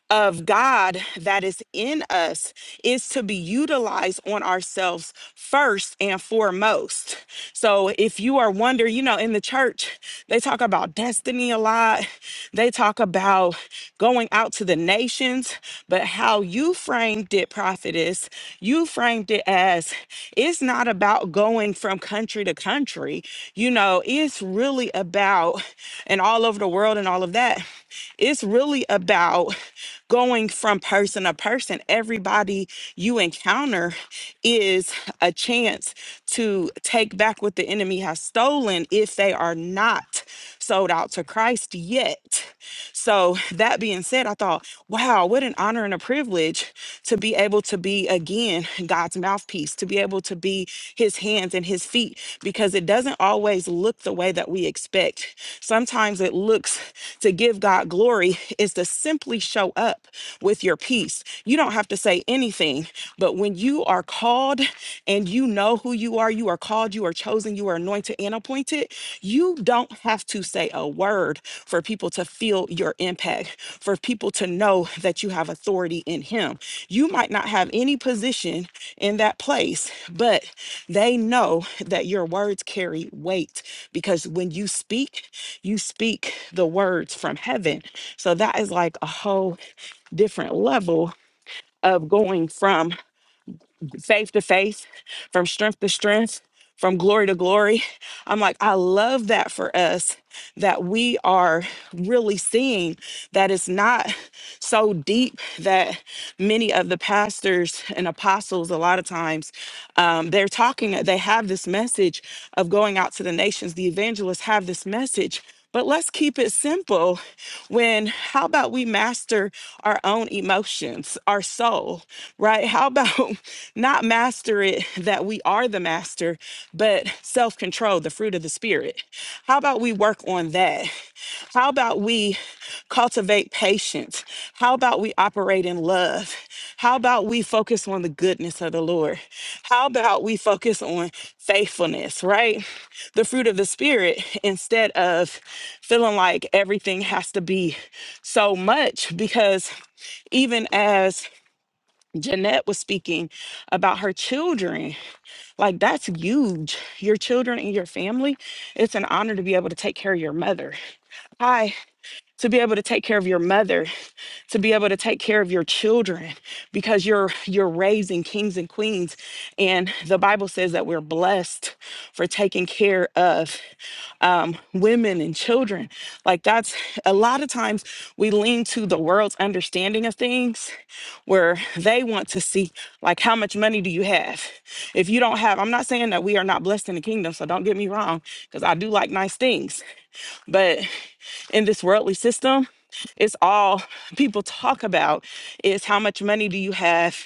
Speaker 1: of God that is in us is to be utilized on ourselves first and foremost. So if you are wondering, you know, in the church, they talk about destiny a lot. They talk about going out to the nations, but how you framed it, prophetess, you framed it as it's not about going from country to country. You know, it's really about, and all over the world and all of that, it's really about going from person to person. Everybody you encounter is a chance to take back what the enemy has stolen if they are not sold out to Christ yet. So, that being said, I thought, wow, what an honor and a privilege to be able to be again God's mouthpiece, to be able to be his hands and his feet, because it doesn't always look the way that we expect. Sometimes it looks to give God glory is to simply show up with your peace. You don't have to say anything, but when you are called and you know who you are, you are called, you are chosen, you are anointed and appointed. You don't have to say a word for people to feel your impact, for people to know that you have authority in Him. You might not have any position in that place, but they know that your words carry weight because when you speak, you speak the words from heaven. So that is like a whole different level of going from faith to faith, from strength to strength, from glory to glory. I'm like, I love that for us that we are really seeing that it's not so deep that many of the pastors and apostles, a lot of times, um, they're talking, they have this message of going out to the nations. The evangelists have this message, but let's keep it simple when how about we master our own emotions, our soul, right? How about <laughs> not master it that we are the master, but self control, the fruit of the spirit? How about we work on that? How about we cultivate patience? How about we operate in love? How about we focus on the goodness of the Lord? How about we focus on faithfulness, right? the fruit of the spirit instead of feeling like everything has to be so much because even as Jeanette was speaking about her children, like that's huge. Your children and your family, it's an honor to be able to take care of your mother. Hi to be able to take care of your mother to be able to take care of your children because you're you're raising kings and queens and the bible says that we're blessed for taking care of um, women and children like that's a lot of times we lean to the world's understanding of things where they want to see like how much money do you have if you don't have i'm not saying that we are not blessed in the kingdom so don't get me wrong because i do like nice things but in this worldly system, it's all people talk about is how much money do you have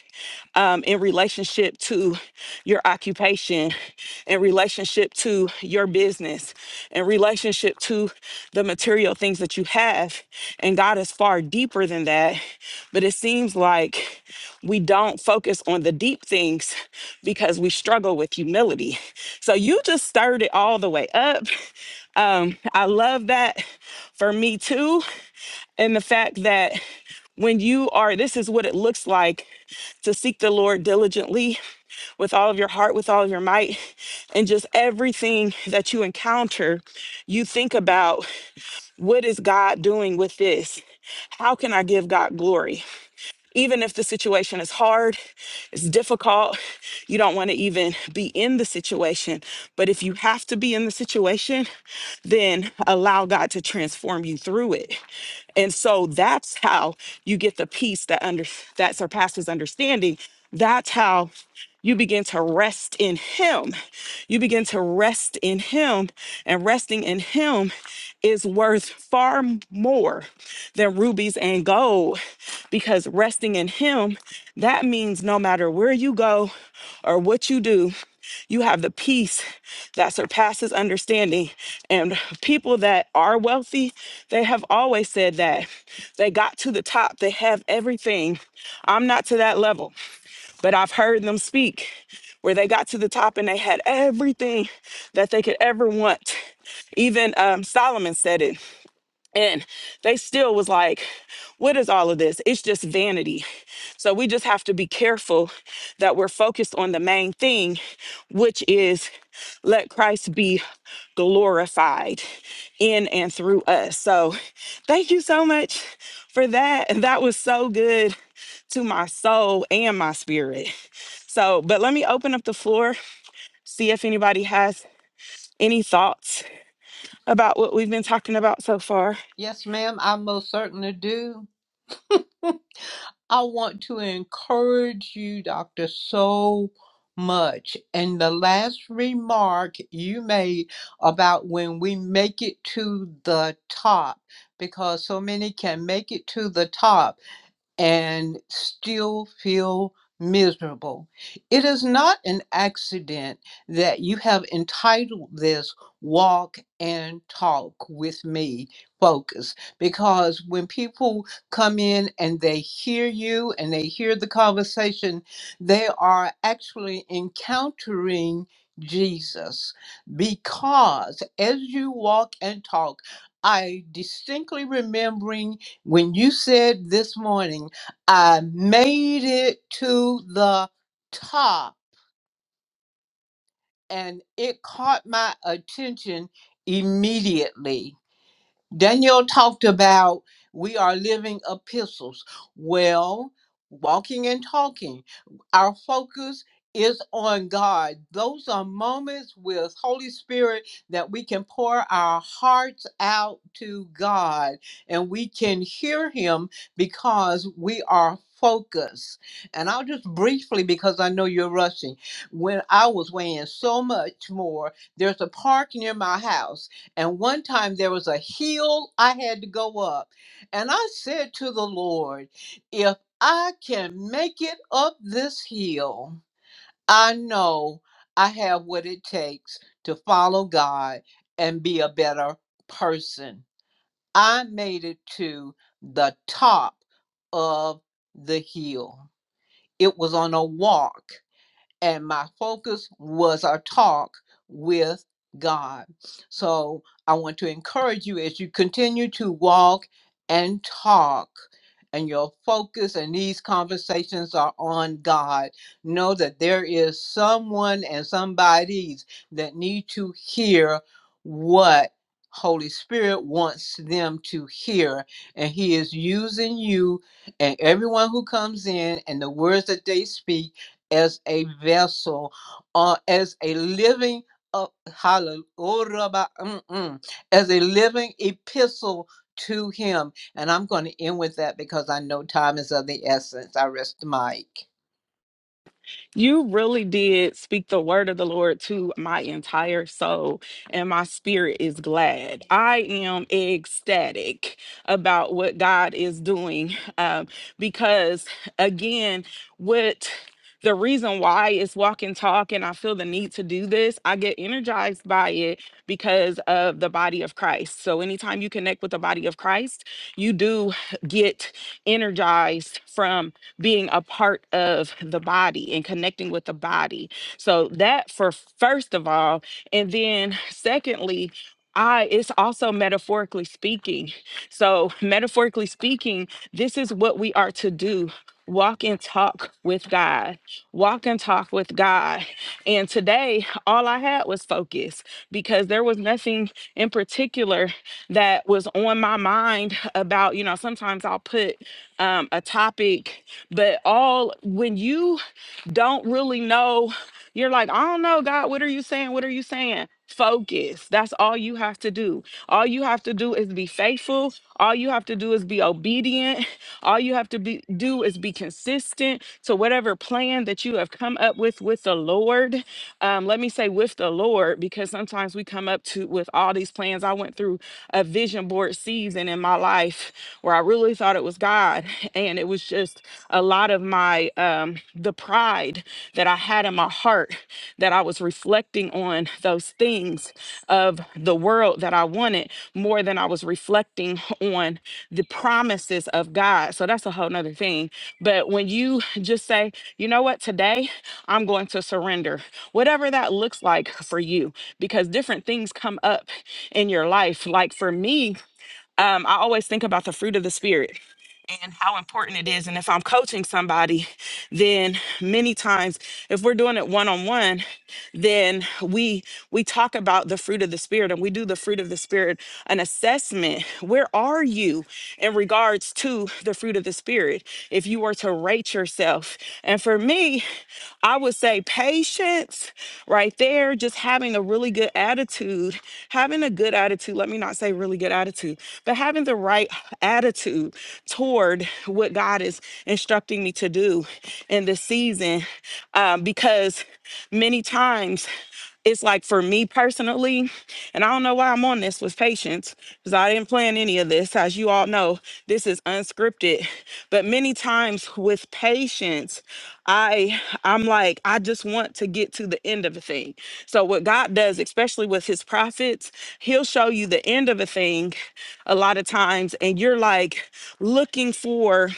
Speaker 1: um, in relationship to your occupation, in relationship to your business, in relationship to the material things that you have. And God is far deeper than that. But it seems like we don't focus on the deep things because we struggle with humility. So you just stirred it all the way up. <laughs> Um, I love that for me too. And the fact that when you are, this is what it looks like to seek the Lord diligently with all of your heart, with all of your might, and just everything that you encounter, you think about what is God doing with this? How can I give God glory? Even if the situation is hard, it's difficult, you don't want to even be in the situation. But if you have to be in the situation, then allow God to transform you through it. And so that's how you get the peace that under that surpasses understanding. That's how you begin to rest in Him. You begin to rest in Him. And resting in Him is worth far m- more than rubies and gold because resting in Him, that means no matter where you go or what you do, you have the peace that surpasses understanding. And people that are wealthy, they have always said that they got to the top, they have everything. I'm not to that level. But I've heard them speak where they got to the top and they had everything that they could ever want. Even um, Solomon said it and they still was like, what is all of this? It's just vanity. So we just have to be careful that we're focused on the main thing, which is let Christ be glorified in and through us. So thank you so much for that. And that was so good to my soul and my spirit. So, but let me open up the floor, see if anybody has any thoughts about what we've been talking about so far.
Speaker 3: Yes, ma'am, I most certainly do. I want to encourage you, Doctor, so much. And the last remark you made about when we make it to the top, because so many can make it to the top and still feel miserable. It is not an accident that you have entitled this Walk and Talk with Me Focus, because when people come in and they hear you and they hear the conversation, they are actually encountering. Jesus, because as you walk and talk, I distinctly remembering when you said this morning I made it to the top and it caught my attention immediately Daniel talked about we are living epistles. Well, walking and talking, our focus is on God. Those are moments with Holy Spirit that we can pour our hearts out to God and we can hear him because we are focused. And I'll just briefly because I know you're rushing. When I was weighing so much more, there's a park near my house and one time there was a hill I had to go up. And I said to the Lord, if I can make it up this hill, I know I have what it takes to follow God and be a better person. I made it to the top of the hill. It was on a walk and my focus was our talk with God. So I want to encourage you as you continue to walk and talk, and your focus and these conversations are on God. Know that there is someone and somebody's that need to hear what Holy Spirit wants them to hear, and He is using you and everyone who comes in and the words that they speak as a vessel or as a living uh, hallelujah as a living epistle to him and i'm going to end with that because i know time is of the essence i rest the mic
Speaker 1: You really did speak the word of the Lord to my entire soul, and my spirit is glad. I am ecstatic about what God is doing um, because, again, what the reason why is walk and talk, and I feel the need to do this. I get energized by it because of the body of Christ. So, anytime you connect with the body of Christ, you do get energized from being a part of the body and connecting with the body. So that for first of all, and then secondly, I it's also metaphorically speaking. So metaphorically speaking, this is what we are to do. Walk and talk with God. Walk and talk with God. And today, all I had was focus because there was nothing in particular that was on my mind about, you know, sometimes I'll put um, a topic but all when you don't really know you're like i don't know god what are you saying what are you saying focus that's all you have to do all you have to do is be faithful all you have to do is be obedient <laughs> all you have to be, do is be consistent to whatever plan that you have come up with with the lord um, let me say with the lord because sometimes we come up to with all these plans i went through a vision board season in my life where i really thought it was god <laughs> and it was just a lot of my um the pride that I had in my heart that I was reflecting on those things of the world that I wanted more than I was reflecting on the promises of God. So that's a whole nother thing. But when you just say, you know what, today I'm going to surrender, whatever that looks like for you, because different things come up in your life. Like for me, um, I always think about the fruit of the spirit and how important it is. And if I'm coaching somebody, then many times if we're doing it one on one, then we we talk about the fruit of the spirit and we do the fruit of the spirit an assessment. Where are you in regards to the fruit of the spirit? If you were to rate yourself. And for me, I would say patience right there, just having a really good attitude, having a good attitude, let me not say really good attitude, but having the right attitude toward what God is instructing instructing me to do in this season um, because many times it's like for me personally, and I don't know why I'm on this with patience because I didn't plan any of this. As you all know, this is unscripted. But many times with patience, I I'm like I just want to get to the end of a thing. So what God does, especially with His prophets, He'll show you the end of a thing a lot of times, and you're like looking for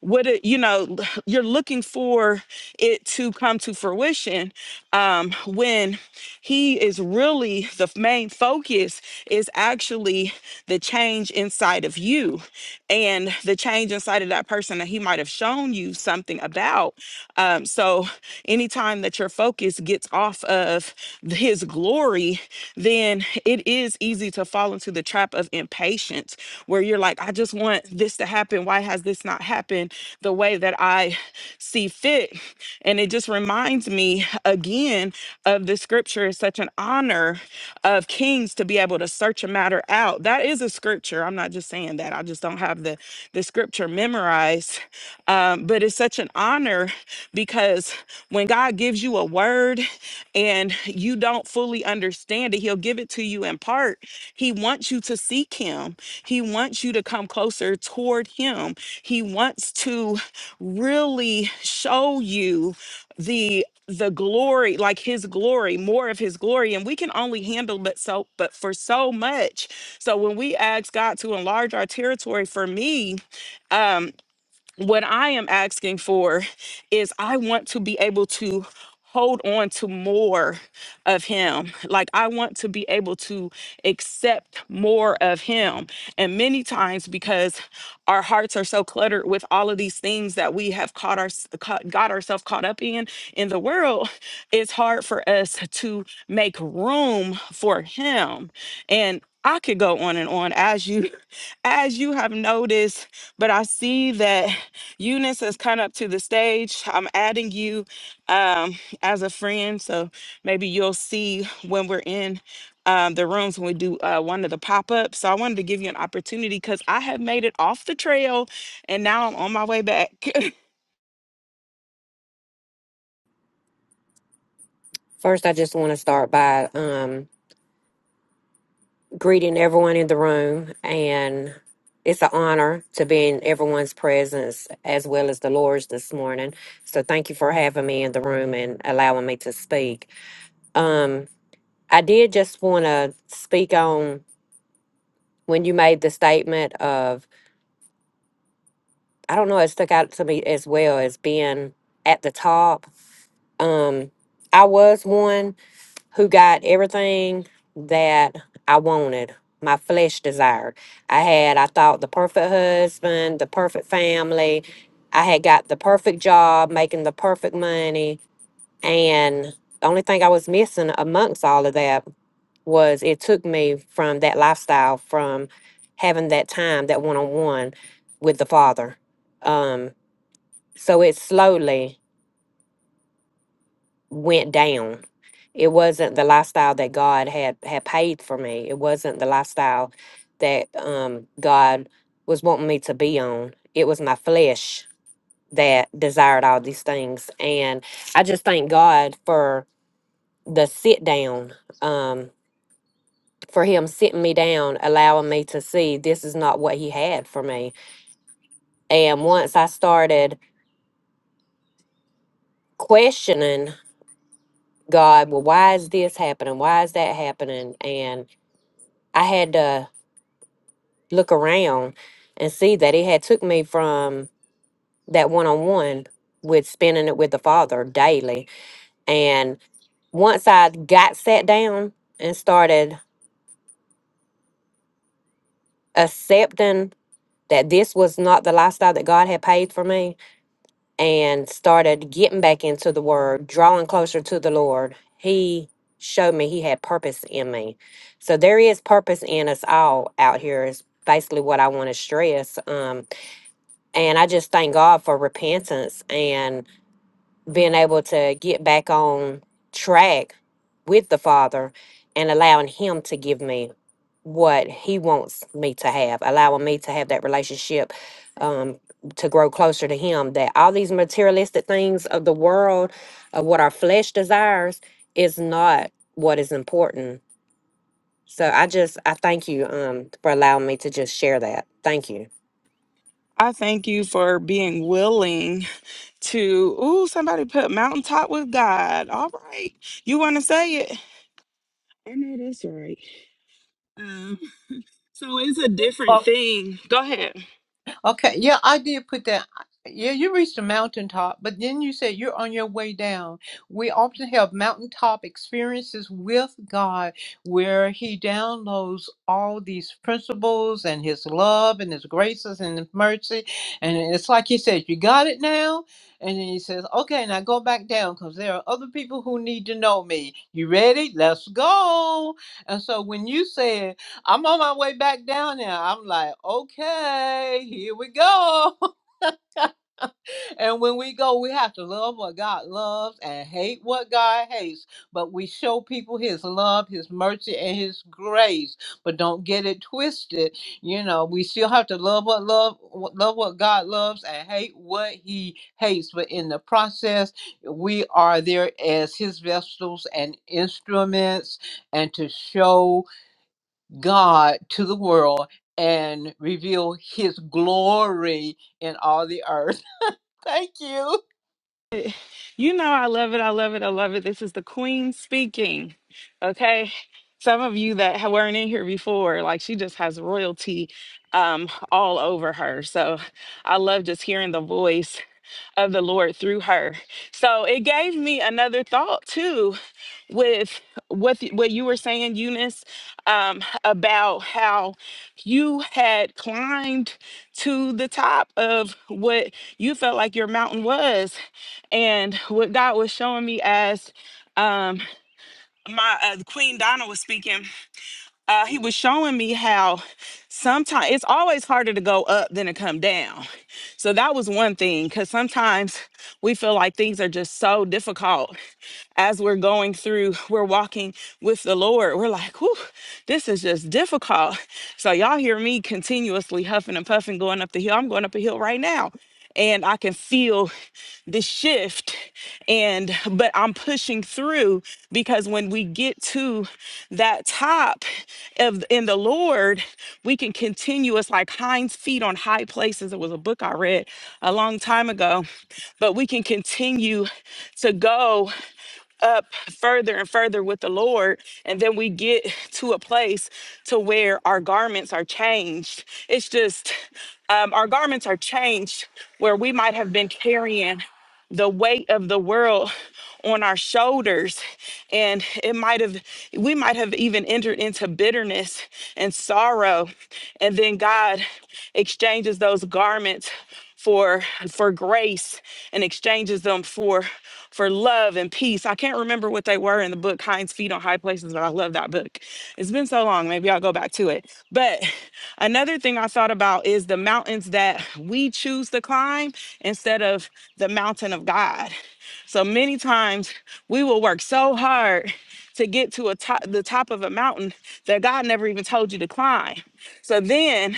Speaker 1: what it, you know you're looking for it to come to fruition um, when he is really the f- main focus is actually the change inside of you and the change inside of that person that he might have shown you something about um, so anytime that your focus gets gets off of his glory, then it is easy to fall into the trap of impatience where you're like, I just want this to happen. Why has this not happened the way that I see fit? And it just reminds me again of the scripture. It's such an honor of kings to be able to search a matter out out. That is a scripture. I'm not just saying that. I just don't have the the scripture memorized. Um, but it's such an honor because when God gives you a word and you don't fully understand it, He'll give it to you in part. He wants you to seek Him. He wants you to come closer toward Him. He wants to really show you the the glory like his glory more of his glory and we can only handle but so but for so much so when we ask god to enlarge our territory for me um, what I am asking for is I want to be able to hold on to more of him. Like I want to be able to accept more of him. And many times because our hearts are so cluttered with all of these things that we have caught our caught, got ourselves caught up in in the world, it's hard for us to make room for him. And I could go on and on as you <laughs> as you have noticed, but I see that Eunice has come up to the stage. I'm adding you um, as a friend, so maybe you'll see when we're in um, the rooms when we do uh, one of the pop ups. So I wanted to give you an opportunity because I have made it off the trail and now I'm on my way back. <laughs>
Speaker 6: First, I just want to start by um, greeting everyone in the room, and it's an honor to be in everyone's presence as well as the Lord's this morning. So, thank you for having me in the room and allowing me to speak. Um, I did just want to speak on when you made the statement of, I don't know, it stuck out to me as well as being at the top. Um, I was one who got everything that I wanted, my flesh desired. I had, I thought, the perfect husband, the perfect family. I had got the perfect job, making the perfect money. And the only thing I was missing amongst all of that was it took me from that lifestyle, from having that time, that one on one with the Father. Um, so it slowly went down. It wasn't the lifestyle that God had had paid for me. It wasn't the lifestyle that um God was wanting me to be on. It was my flesh that desired all these things. And I just thank God for the sit down, um, for him sitting me down, allowing me to see this is not what he had for me. And once I started questioning God, well, why is this happening? Why is that happening? And I had to look around and see that it had took me from that one-on-one with spending it with the father daily and once i got sat down and started accepting that this was not the lifestyle that god had paid for me and started getting back into the word drawing closer to the lord he showed me he had purpose in me so there is purpose in us all out here is basically what i want to stress Um, And I just thank God for repentance and being able to get back on track with the Father and allowing Him to give me what He wants me to have, allowing me to have that relationship um, to grow closer to Him. That all these materialistic things of the world, of what our flesh desires, is not what is important. So I just, I thank you um, for allowing me to just share that. Thank you.
Speaker 1: I thank you for being willing to. Ooh, somebody put mountaintop with God. All right. You want to say it? And it is right. Um, So it's a different thing. Go ahead.
Speaker 3: Okay, yeah, I did put that. Yeah, you reached the mountaintop, but then you said you're on your way down. We often have mountaintop experiences with God where He downloads all these principles and His love and His graces and His mercy. And it's like He says, You got it now? And then He says, Okay, now go back down because there are other people who need to know me. You ready? Let's go. And so when you said, I'm on my way back down there. I'm like, okay, here we go. <laughs> and when we go, we have to love what God loves and hate what God hates. But we show people His love, His mercy, and His grace. But don't get it twisted. You know, we still have to love what love what- love what God loves and hate what He hates. But in the process, we are there as His vessels and instruments, and to show God to the world and reveal his glory in all the earth. <laughs> Thank you.
Speaker 1: You know, I love it. I love it. I love it. This is the queen speaking. Okay. Some of you that ha- weren't in here before, like she just has royalty um, all over her. So I love just hearing the voice of the Lord through her. So it gave me another thought too with what th- what you were saying, Eunice, um, about how you had climbed to the top of what you felt like your mountain was, and what God was showing me as um my uh, queen donna was speaking uh he was showing me how sometimes it's always harder to go up than to come down so that was one thing because sometimes we feel like things are just so difficult as we're going through, we're walking with the Lord. We're like, whew, this is just difficult. So y'all hear me continuously huffing and puffing going up the hill. I'm going up a hill right now. And I can feel the shift and but i'm pushing through because when we get to that top of in the lord we can continue it's like hind's feet on high places it was a book i read a long time ago but we can continue to go up further and further with the Lord. And then we get <laughs> to a place to where our garments are changed. It's just um, our garments are changed where we might have been carrying the weight of the world <laughs> on our shoulders and it might have we might have even entered into bitterness and sorrow and then God exchanges those garments for for grace and exchanges them them for for love and peace. I can't remember what they were in the book Hind's Feet on High Places, but I love that book. It's been so long, maybe I'll go back to it. But <laughs> another thing I thought about is the mountains that we choose to climb instead of the mountain of God. So many times we will work so hard to get to a top, the top of a mountain that God never even told you to climb. So then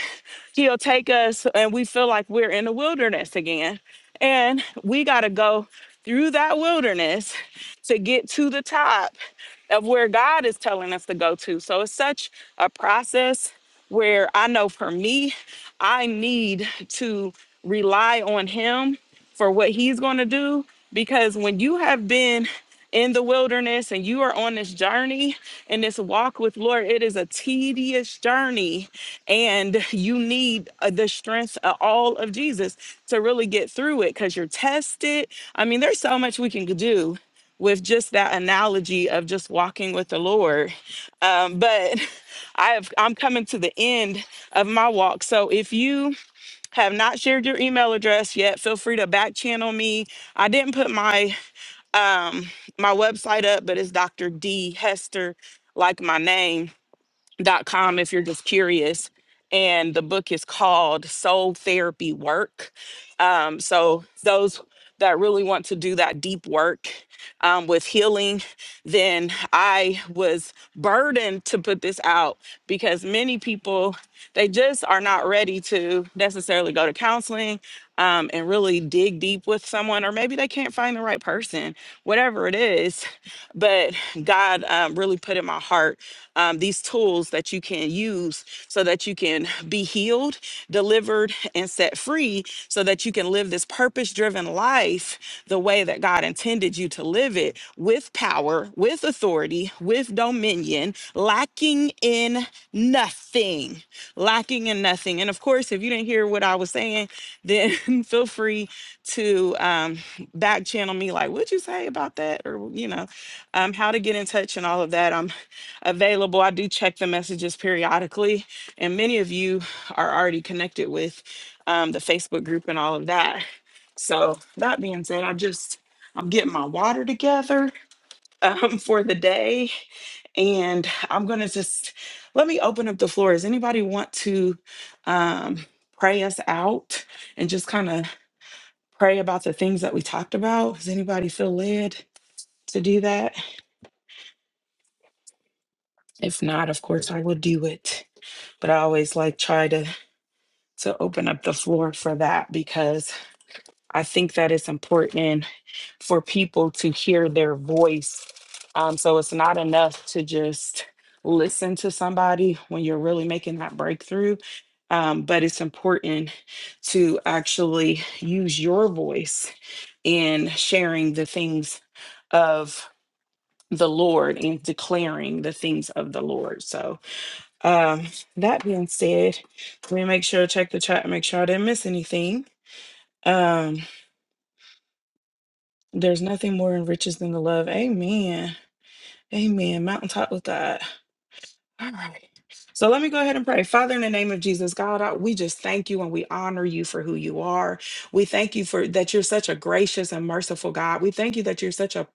Speaker 1: he'll take us and we feel like we're in the wilderness again. And we got to go through that wilderness to get to the top of where God is telling us to go to. So it's such a process where I know for me, I need to rely on Him for what He's going to do. Because when you have been in the wilderness and you are on this journey and this walk with Lord, it is a tedious journey. And you need uh, the strength of all of Jesus to really get through it because you're tested. I mean, there's so much we can do with just that analogy of just walking with the Lord. Um, but <laughs> I have I'm coming to the end of my walk. So if you have not shared your email address yet, feel free to back channel me. I didn't put my um my website up, but it's Dr. D Hester, like my name dot com if you're just curious. And the book is called Soul Therapy Work. Um, so those that really want to do that deep work um, with healing, then I was burdened to put this out because many people they just are not ready to necessarily go to counseling um, and really dig deep with someone, or maybe they can't find the right person, whatever it is. <laughs> But God um, really put in my heart um, these tools that you can use so that you can be healed, delivered, and set free so that you can live this purpose driven life the way that God intended created you to live it with power, with authority, with dominion, lacking in nothing, lacking in nothing. And of course, if you didn't hear what I was saying, then <laughs> feel free to um, back channel me, like, what'd you say about that? Or, you know, um, how to get in touch and all of that. I'm available. I do check the messages periodically, and many of you are already connected with um, the Facebook group and all of that. So, that being said, I just I'm getting my water together um, <laughs> for the day. And I'm going to just let me open up the floor. Does anybody want to um, pray us out and just kind of pray about the things that we talked about? Does anybody feel led to do that? If not, of course, I will do it. But I always like try to to open up the floor for that because I think that it's important for people to hear their voice. Um, so it's not enough to just listen to somebody when you're really making that breakthrough. Um, but it's important to actually use your voice in sharing the things of the Lord and declaring the things of the Lord. So, um, that being said, let me make sure to check the chat and make sure I didn't miss anything. Um, there's nothing more enriches than the love. Amen. Amen. Mountaintop with God. All right. So let me go ahead and pray. Father, in the name of Jesus, God, I- we just thank you and we honor you for who you are. We thank you for that you're such a gracious and merciful God. We thank you that you're such a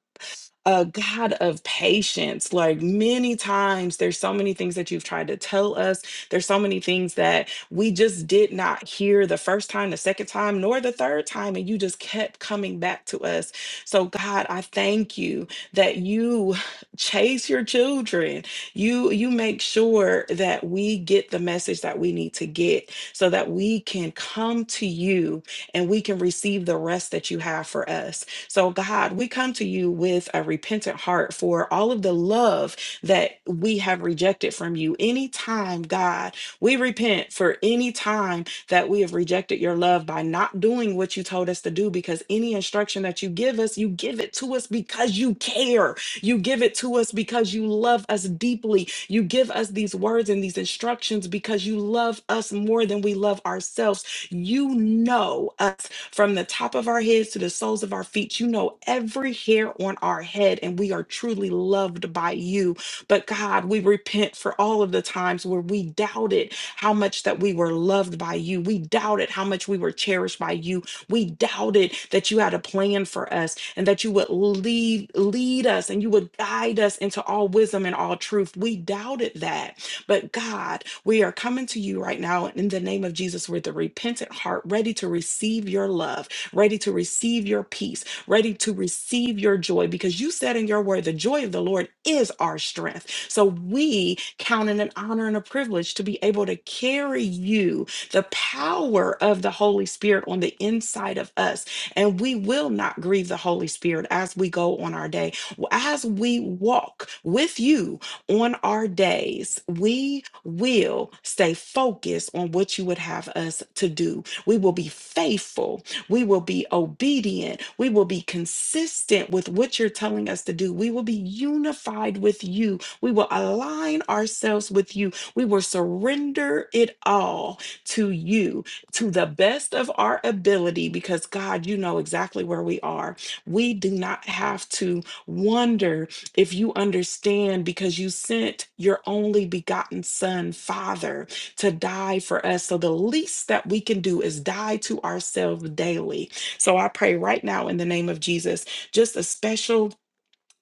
Speaker 1: a God of patience. Like many times, there's so many things that you've tried to tell us. There's so many things that we just did not hear the first time, the second time, nor the third time. And you just kept coming back to us. So, God, I thank you that you <sighs> chase your children. You, you make sure that we get the message that we need to get so that we can come to you and we can receive the rest that you have for us. So, God, we come to you with a repentant heart for all of the love that we have rejected from you. Anytime, God, we repent for any time that we have rejected your love by not doing what you told us to do, because any instruction that you give us, you give it to us because you care. You give it to us because you love us deeply. You give us these words and these instructions because you love us more than we love ourselves. You know us from the top of our heads to the soles of our feet, you know every hair on our head, and we are truly loved by you. But God, we repent for all of the times where we doubted how much that we were loved by you. We doubted how much we were cherished by you. We doubted that you had a plan for us and that you would lead lead us and you would guide us into all wisdom and all truth. We doubted that. But God, we are coming to you right now in the name of Jesus with a repentant heart, ready to receive your love, ready to receive your peace, ready to receive your joy, because you said in your word, the joy of the Lord is our strength. So we count it an honor and a privilege to be able to carry you, the power of the Holy Spirit on the inside of us. And we will not grieve the Holy Spirit as we go on our day. As we walk with you, on our days, we will stay focused on what you would have us to do. We will be faithful. We will be obedient. We will be consistent with what you're telling us to do. We will be unified with you. We will align ourselves with you. We will surrender it all to you to the best of our ability because, God, you know exactly where we are. We do not have to wonder if you understand, because you sent your only begotten Son, Father, to die for us. So the least that we can do is die to ourselves daily. So I pray right now in the name of Jesus, just a special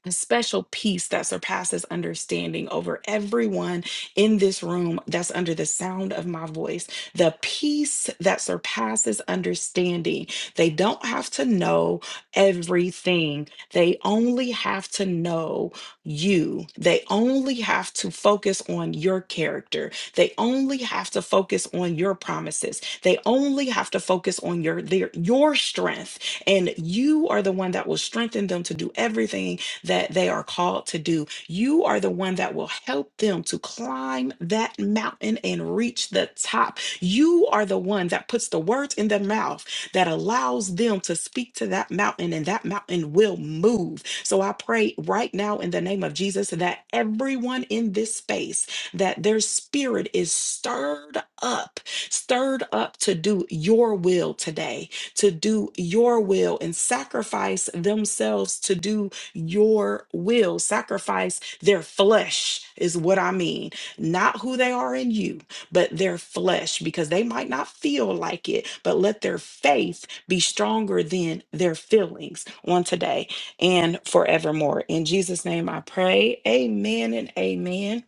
Speaker 1: a special peace that surpasses understanding over everyone in this room that's under the sound of my voice. The peace that surpasses understanding. They don't have to know everything, they only have to know you. They only have to focus on your character. They only have to focus on your promises. They only have to focus on your their, your strength and you are the one that will strengthen them to do everything that they are called to do. You are the one that will help them to climb that mountain and reach the top. You are the one that puts the words in their mouth that allows them to speak to that mountain, and that mountain will move. So I pray right now in the name of Jesus that everyone in this space, that their spirit is stirred up, stirred up to do your will today, to do your will and sacrifice themselves to do your will, sacrifice their flesh, is what I mean. Not who they are in you, but their flesh, because they might not feel like it, but let their faith be stronger than their feelings on today and forevermore. In Jesus' name I pray. Amen and amen.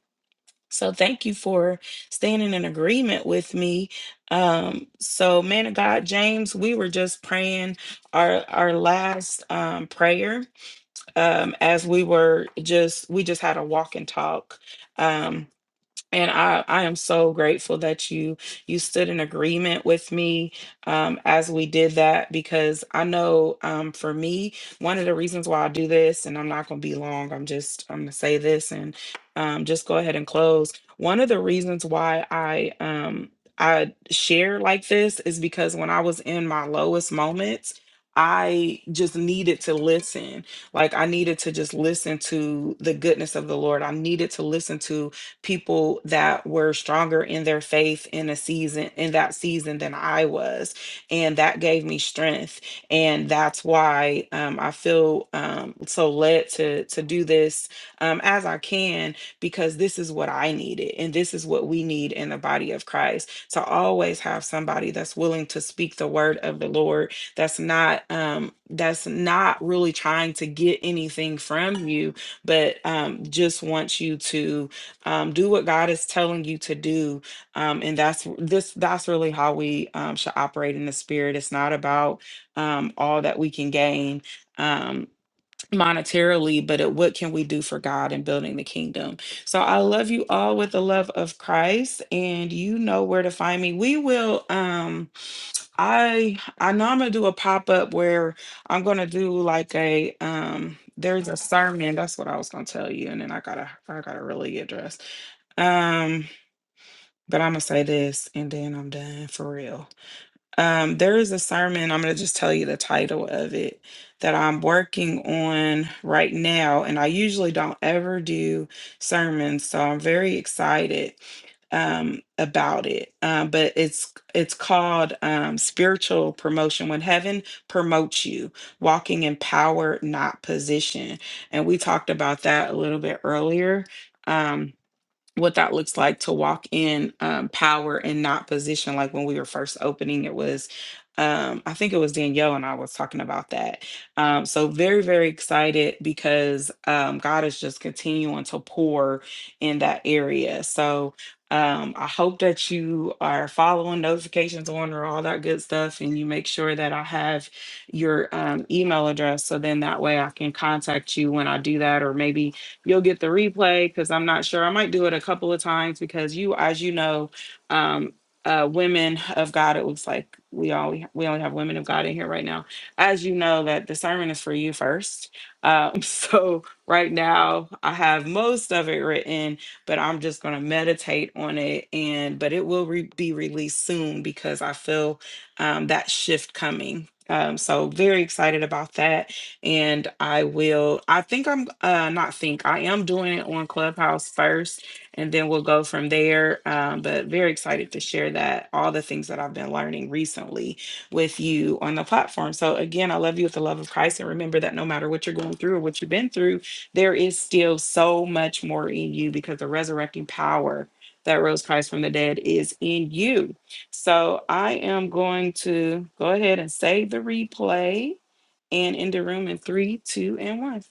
Speaker 1: So thank you for standing in agreement with me. Um, so man of God, James, we were just praying our our last um prayer um, as we were just we just had a walk and talk. Um, and I, I am so grateful that you you stood in agreement with me um, as we did that because I know um, for me one of the reasons why I do this and I'm not going to be long I'm just I'm going to say this and um, just go ahead and close one of the reasons why I um, I share like this is because when I was in my lowest moments I just needed to listen like I needed to just listen to the goodness of the Lord I needed to listen to people that were stronger in their faith in a season in that season than I was, and that gave me strength, and that's why um, I feel um, so led to to do this um, as I can because this is what I needed, and this is what we need in the body of Christ to always have somebody that's willing to speak the word of the Lord that's not um that's not really trying to get anything from you but um just wants you to um, do what God is telling you to do, um, and that's this. That's really how we um, should operate in the spirit. It's not about um, all that we can gain um, monetarily, but it, what can we do for God in building the kingdom? So I love you all with the love of Christ, and you know where to find me. We will. Um, I I know I'm gonna do a pop up where I'm gonna do like a. Um, there's a sermon. That's what I was gonna tell you, and then I gotta I gotta really get dressed um, but I'm gonna say this and then I'm done for real. Um, there is a sermon, I'm gonna just tell you the title of it that I'm working on right now, and I usually don't ever do sermons, so I'm very excited um about it um but it's it's called um spiritual promotion when heaven promotes you walking in power not position and we talked about that a little bit earlier um what that looks like to walk in um, power and not position. Like when we were first opening, it was, um, I think it was Danielle and I was talking about that. Um, so very, very excited because um, God is just continuing to pour in that area. So um, I hope that you are following notifications on or all that good stuff, and you make sure that I have your um, email address. So then that way I can contact you when I do that, or maybe You'll get the replay because I'm not sure. I might do it a couple of times because you, as you know, um, uh, women of God, it looks like we all we only have women of God in here right now. As you know, that the sermon is for you first. Um, <laughs> so right now I have most of it written, but I'm just gonna meditate on it. And but it will re- be released soon because I feel um, that shift coming. Um, so very excited about that and I will. I think I'm uh, not think I am doing it on Clubhouse first, and then we'll go from there. Um, but very excited to share that all the things that I've been learning recently with you on the platform. So again, I love you with the love of Christ, and remember that no matter what you're going through or what you've been through, there is still so much more in you because the resurrecting power that rose Christ from the dead is in you. So I am going to go ahead and save the replay and in the room in three, two, and one.